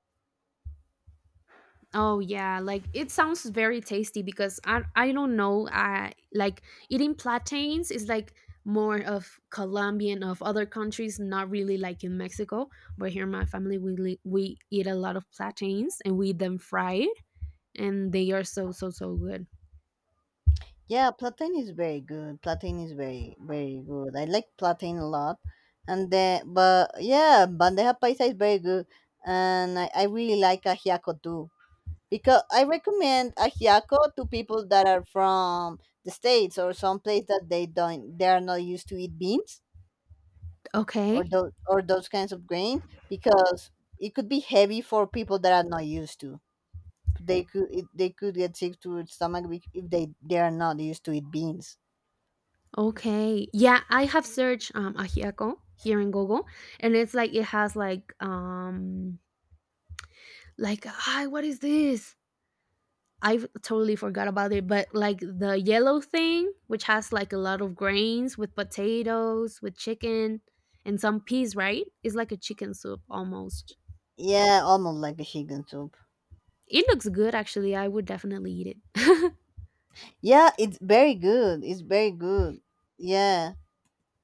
Oh yeah, like it sounds very tasty because I don't know, I like eating plantains is like more of Colombian of other countries, not really like in Mexico. But here, in my family we eat a lot of plantains, and we eat them fried, and they are so so so good. Yeah, plantain is very good. Plantain is very very good. I like plantain a lot, and then but yeah, bandeja paisa is very good, and I really like ajiaco too, because I recommend ajiaco to people that are from the states or some place that they are not used to eat beans, or Okay, those kinds of grains, because it could be heavy for people that are not used to. They could get sick to their stomach if they are not used to eat beans. okay, yeah, I have searched ajiaco here in Google, and it's like it has like hi, what is this, I totally forgot about it, but like the yellow thing, which has like a lot of grains with potatoes, with chicken, and some peas, right? It's like a chicken soup almost. Yeah, almost like a chicken soup. It looks good, actually. I would definitely eat it. Yeah, it's very good. It's very good. Yeah,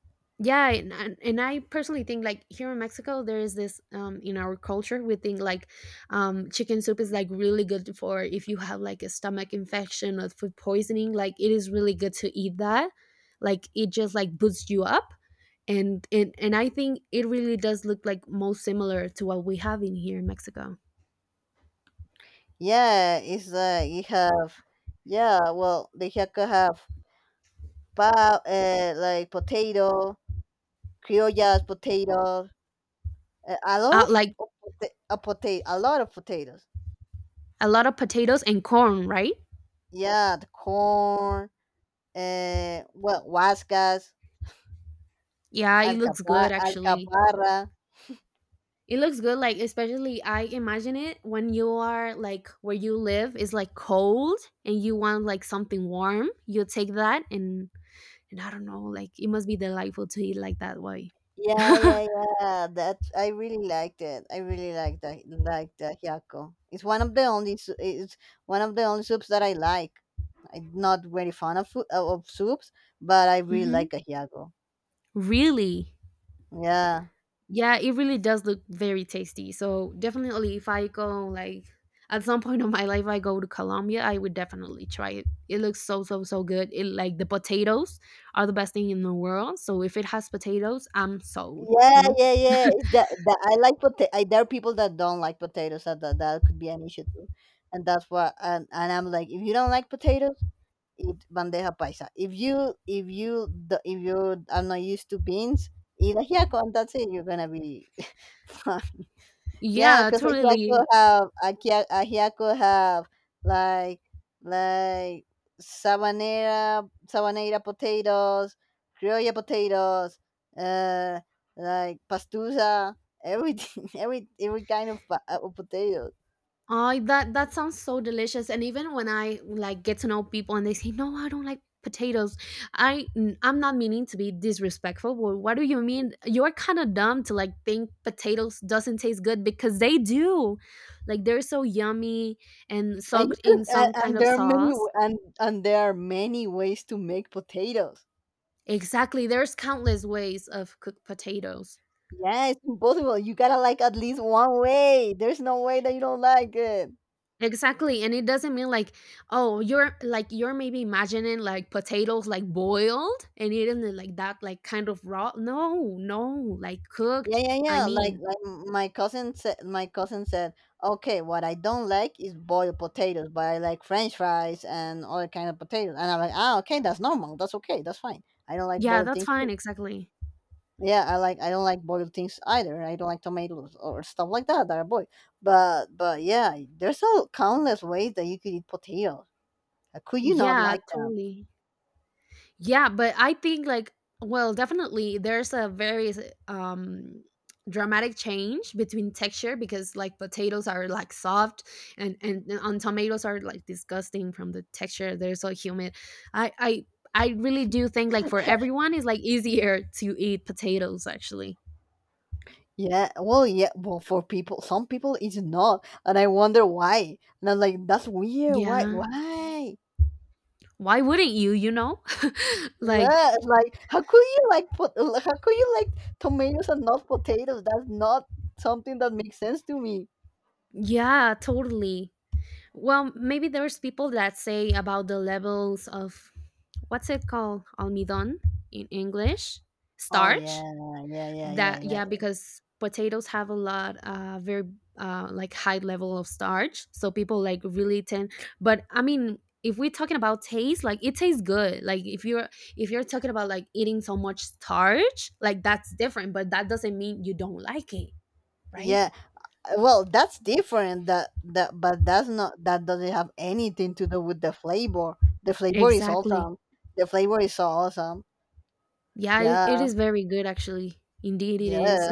Yeah, and, and I personally think like here in Mexico, there is this in our culture, we think like chicken soup is like really good for if you have like a stomach infection or food poisoning. Like it is really good to eat that. Like it just like boosts you up and it and I think it really does look like most similar to what we have in here in Mexico. yeah. It's you have, yeah. Well, they could have like potato, criollas, potato, a lot Uh, of like a potato, a lot of potatoes. a lot of potatoes and corn, right? Yeah, the corn, well, huascas, Yeah, it looks good actually. alcaparra. It looks good, like especially I imagine it when you are like where you live is like cold and you want like something warm. You take that and I don't know, like it must be delightful to eat like that way. Yeah, yeah, yeah. That I really liked it. I really liked that. Like the hyako. It's one of the only soups that I like. I'm not very fond of of soups, but I really Hmm. like a hyako. Really? Yeah. Yeah, it really does look very tasty. So definitely, if I go like at some point of my life, I go to Colombia, I would definitely try it. It looks so so so good. It like the potatoes are the best thing in the world. So if it has potatoes, I'm sold. Yeah, You know? yeah, yeah. That, that I like potato. There are people that don't like potatoes. That could be an issue too, and that's why. And I'm like, if you don't like potatoes, eat bandeja paisa. If if you are not used to beans, eat ajiaco, and that's it. You're gonna be fine. Yeah, Yeah, because totally. Ajiaco have like like sabanera potatoes, criolla potatoes, uh, like pastusa, everything, every kind of potato. Oh, that that sounds so delicious. And even when I like get to know people and they say, "No, I don't like potatoes," I'm not meaning to be disrespectful, but what do you mean? You're kind of dumb to like think potatoes doesn't taste good because they do. Like they're so yummy and And you soaked can, in some kind of sauce. And there are many ways to make potatoes. Exactly. There's countless ways of cooked potatoes. Yeah, it's impossible. You gotta like at least one way. There's no way that you don't like it. Exactly. And it doesn't mean like, oh, you're like you're maybe imagining like potatoes like boiled and eating it like that, like kind of raw. No, no, like yeah cooked. yeah I yeah like mean, like my cousin said, okay, what I don't like is boiled potatoes, but I like french fries and other kind of potatoes. And I'm like, ah, okay, that's normal, that's okay, that's fine. I don't like yeah, boiled that's things. fine, exactly. Yeah, I like, I don't like boiled things either. I don't like tomatoes or stuff like that that are boiled. But yeah, there's a countless ways that you could eat potatoes. How could you not Yeah, like them? totally. Yeah, but I think like well, definitely there's a very um dramatic change between texture because like potatoes are like soft and on tomatoes are like disgusting from the texture. They're so humid. I I I really do think like for everyone it's like easier to eat potatoes actually. Yeah, well, yeah, well, for people, some people it's not, and I wonder why. And I'm like, that's weird. Why? Yeah. Why? Why wouldn't you, you know? Like Yeah, it's like, how could you how could you like tomatoes and not potatoes? That's not something that makes sense to me. yeah, totally. Well, maybe there's people that say about the levels of what's it called? Almidon in English? Oh yeah, Starch? That yeah. yeah, because potatoes have a lot very like high level of starch. So people like really tend but I mean if we're talking about taste, like it tastes good. Like if you're talking about like eating so much starch, like that's different, but that doesn't mean you don't like it, right? Yeah, well, that's different. That's not, that doesn't have anything to do with the flavor. The flavor is Exactly. awesome. The flavor is so awesome. Yeah, it yeah is very good actually. Indeed, it yeah is.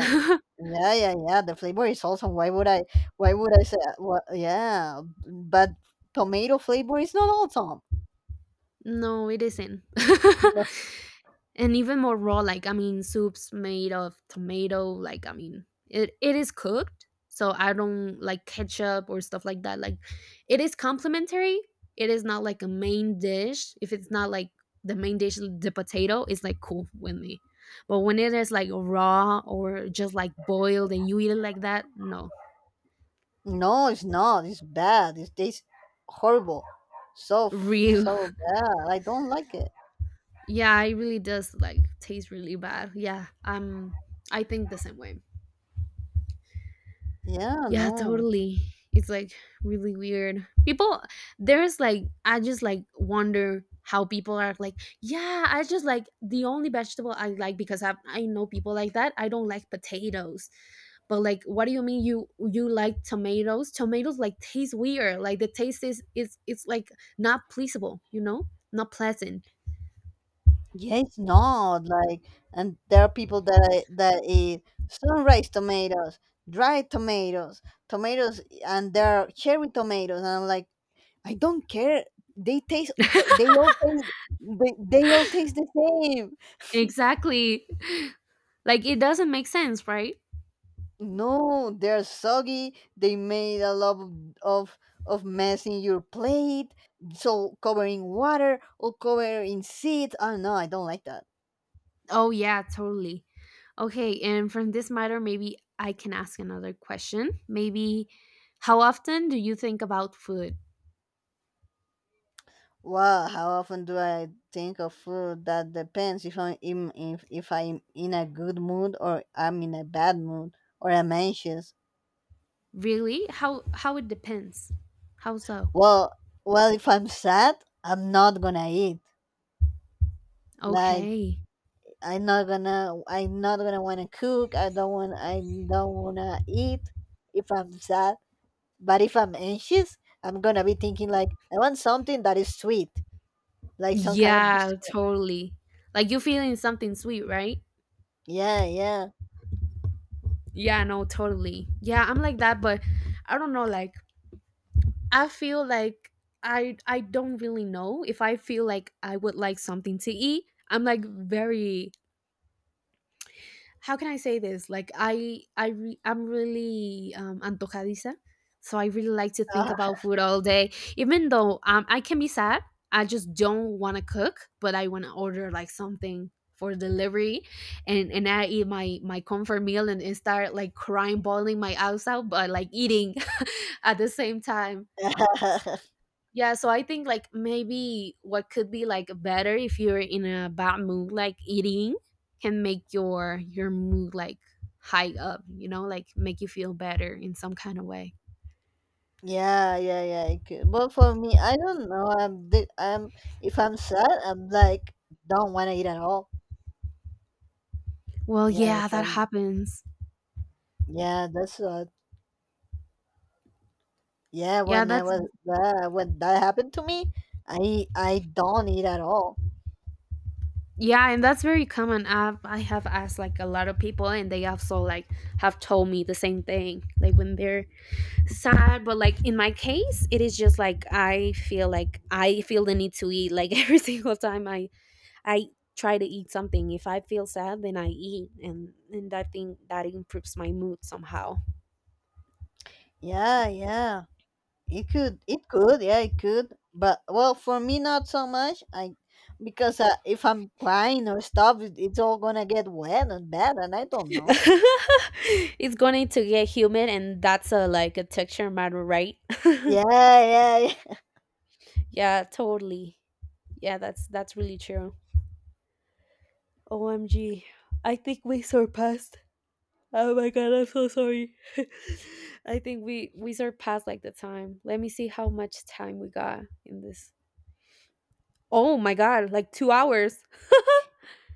yeah yeah yeah the flavor is awesome. Why would I, why would I say what yeah, but tomato flavor is not awesome. No, it isn't. And even more raw, like, I mean, soups made of tomato, like, I mean, it is cooked. So I don't like ketchup or stuff like that. Like, it is complimentary. It is not like a main dish. If it's not like the main dish, the potato is like cool with me. But when it is like raw or just like boiled and you eat it like that, no, No, it's not. It's bad. It tastes horrible. So really. Bad. I don't like it. Yeah, it really does like taste really bad. Yeah, I think the same way. Yeah, Yeah, no. totally. It's like really weird. People, there's like, I just like wonder how people are like, yeah, I just like the only vegetable I like because I know people like that. I don't like potatoes, but like, what do you mean you like tomatoes? Tomatoes like taste weird. Like the taste is it's like not pleasable. You know, not pleasant. Yeah, it's not like, and there are people that that eat sunrise tomatoes, dried tomatoes, tomatoes, and there are cherry tomatoes, and I'm like, I don't care. They taste. They all taste. They all taste the same. Exactly. Like it doesn't make sense, right? No, they're soggy. They made a lot of of mess in your plate. So covering water or covering seeds. Oh no, I don't like that. Oh yeah, totally. Okay, and from this matter, maybe I can ask another question. Maybe how often do you think about food? Wow, how often do I think of food? That depends if I'm in, if I'm in a good mood or I'm in a bad mood or I'm anxious. Really? How it depends. How so? Well, well, if I'm sad, I'm not gonna eat. Like, Okay. I'm not gonna wanna cook. I don't wanna eat if I'm sad. But if I'm anxious, I'm gonna be thinking like I want something that is sweet, like some kind of Yeah, dessert. totally. Like you're feeling something sweet, right? Yeah, Yeah, no, totally. Yeah, I'm like that, but I don't know, like I feel like I don't really know if I feel like I would like something to eat. I'm like very how can I say this? Like I'm really antojadiza, so I really like to think about food all day. Even though I can be sad, I just don't want to cook, but I want to order like something for delivery, and I eat my comfort meal and start like crying, bawling my eyes out, but like eating at the same time. yeah. Yeah, so I think like maybe what could be like better if you're in a bad mood, like eating can make your mood like high up, you know, like make you feel better in some kind of way. Yeah, yeah, yeah. I could. But for me, I don't know. I'm, di- I'm. If I'm sad, I'm like, don't want to eat at all. Well, Yeah, if yeah, that I'm. happens. Yeah, that's what. Yeah, Yeah, when I that's was, yeah, when that happened to me, I don't eat at all. yeah, and that's very common. I have asked like a lot of people, and they also like have told me the same thing, like when they're sad. But like in my case, it is just like I feel the need to eat like every single time I try to eat something. If I feel sad, then I eat, and I think that improves my mood somehow. Yeah, yeah. It could. It could. Yeah, it could. But well, for me, not so much. I, because if I'm crying or stuff, it's all gonna get wet and bad, and I don't know. It's going to get humid, and that's a like a texture matter, right? Yeah, yeah, yeah. Yeah, totally. Yeah, that's really true. OMG. I think we surpassed. Oh my god, I'm so sorry. I think we surpassed like the time. Let me see how much time we got in this. Oh my god, like two hours.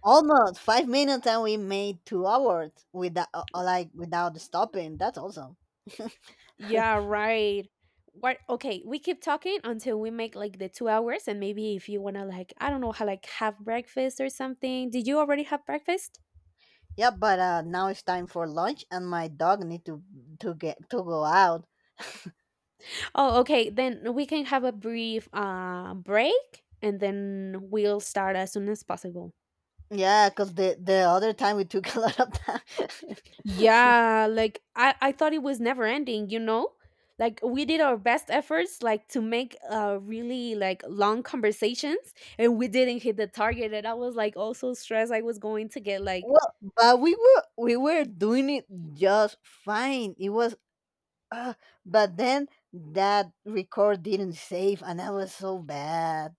Almost 5 minutes, and we made 2 hours without, like, without stopping. That's awesome. Yeah, right. What? Okay, we keep talking until we make like the 2 hours, and maybe if you wanna like, I don't know, how like have breakfast or something. Did you already have breakfast? Yeah, but now it's time for lunch, and my dog need to get to go out. Oh, okay. Then we can have a brief break, and then we'll start as soon as possible. Yeah, cause the other time we took a lot of time. Yeah, like I thought it was never ending. You know, like we did our best efforts like to make really like long conversations, and we didn't hit the target. And I was like also stressed. I was going to get like well, but we were doing it just fine. It was, uh, but then that record didn't save, and that was so bad.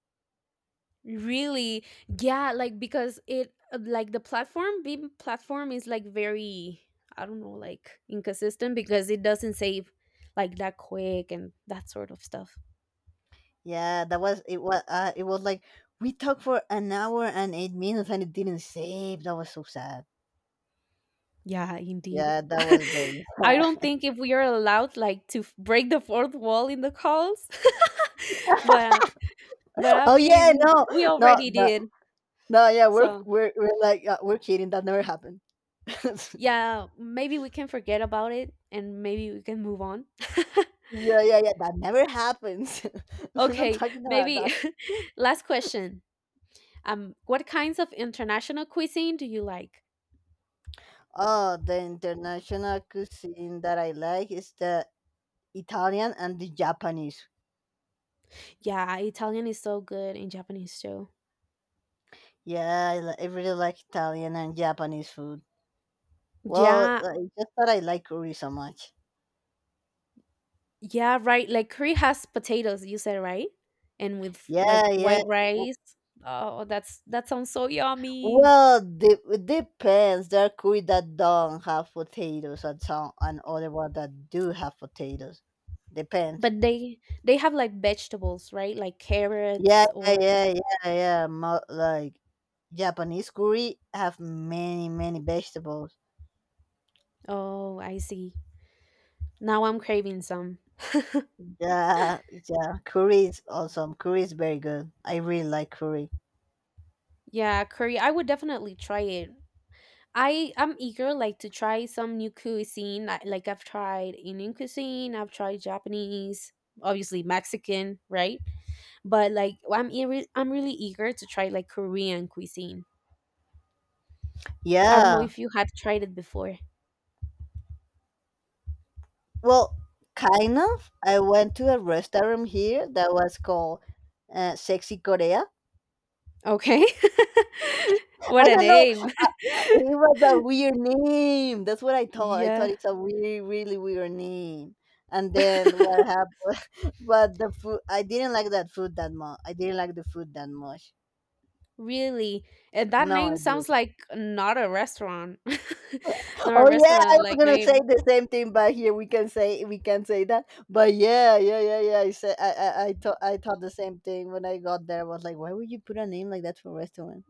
really? Yeah, like because it like the platform Beam platform is like very I don't know, like inconsistent because it doesn't save like that quick and that sort of stuff. Yeah, that was, it was like we talked for an hour and 8 minutes and it didn't save. That was so sad. Yeah, indeed. Yeah, that was very I don't sad. think if we are allowed like to break the fourth wall in the calls. but but I oh yeah, mean, we no, already no, did. no. Yeah, So, we're like, we're kidding. That never happened. yeah, maybe we can forget about it and maybe we can move on. yeah, yeah, yeah. That never happens. we're not Okay, talking about maybe that. last question. What kinds of international cuisine do you like? Oh, the international cuisine that I like is the Italian and the Japanese. Yeah, Italian is so good and Japanese too. Yeah, I really like Italian and Japanese food. Well, Yeah, like, just that I like curry so much. yeah, right. Like curry has potatoes, you said, right? And with Yeah, like yeah. white W- rice. Oh, that's that sounds so yummy. Well, it depends. There are kui that don't have potatoes and some and other one that do have potatoes. Depends. But they have like vegetables, right? Like Yeah, carrots yeah, or yeah, yeah. Like Japanese curry have many, many vegetables. oh, I see. Now I'm craving some. Yeah, yeah. Curry is awesome. Curry is very good. I really like curry. Yeah, curry. I would definitely try it. I am eager like to try some new cuisine. I, like I've tried Indian cuisine, I've tried Japanese, obviously Mexican, right? But like I'm eager, I'm really eager to try like Korean cuisine. I don't know Yeah. if you have tried it before. Well, kind of. I went to a restaurant here that was called Sexy Korea. Okay. I What a don't know. name. Uh, uh, it was a weird name. That's what I thought. I Yeah. thought it's a weird, really weird name. And then what happened? but the food, I didn't like that food that much. I didn't like the food that much. Really. And that No, I name sounds didn't. like not a restaurant. Not a Oh yeah, I restaurant was like gonna say name. the same thing, but here we can say that. But yeah, yeah. I thought the same thing when I got there. I was like, why would you put a name like that for a restaurant?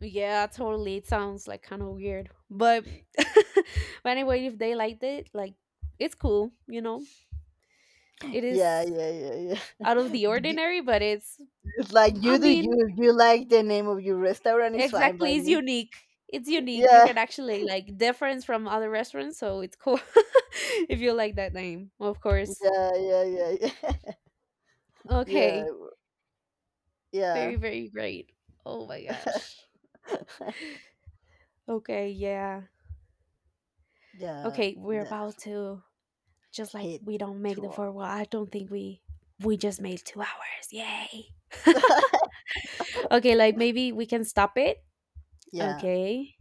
Yeah, totally. It sounds like kind of weird, but but anyway, if they liked it, like it's cool, you know. It Yeah, is yeah, yeah, yeah, out of the ordinary, but it's It's like, mm, I you do you. mean, If you like the name of your restaurant, it's fine by exactly, it's me. unique. It's unique. You Yeah, can actually like difference from other restaurants, so it's cool if you like that name, of course. yeah. yeah, yeah, Okay. yeah, Very, very great. Oh my gosh. Okay, yeah. yeah. Okay, we're The about to just like we hate don't make the tool. four wall I don't think we just made 2 hours yay okay like maybe we can stop it yeah. okay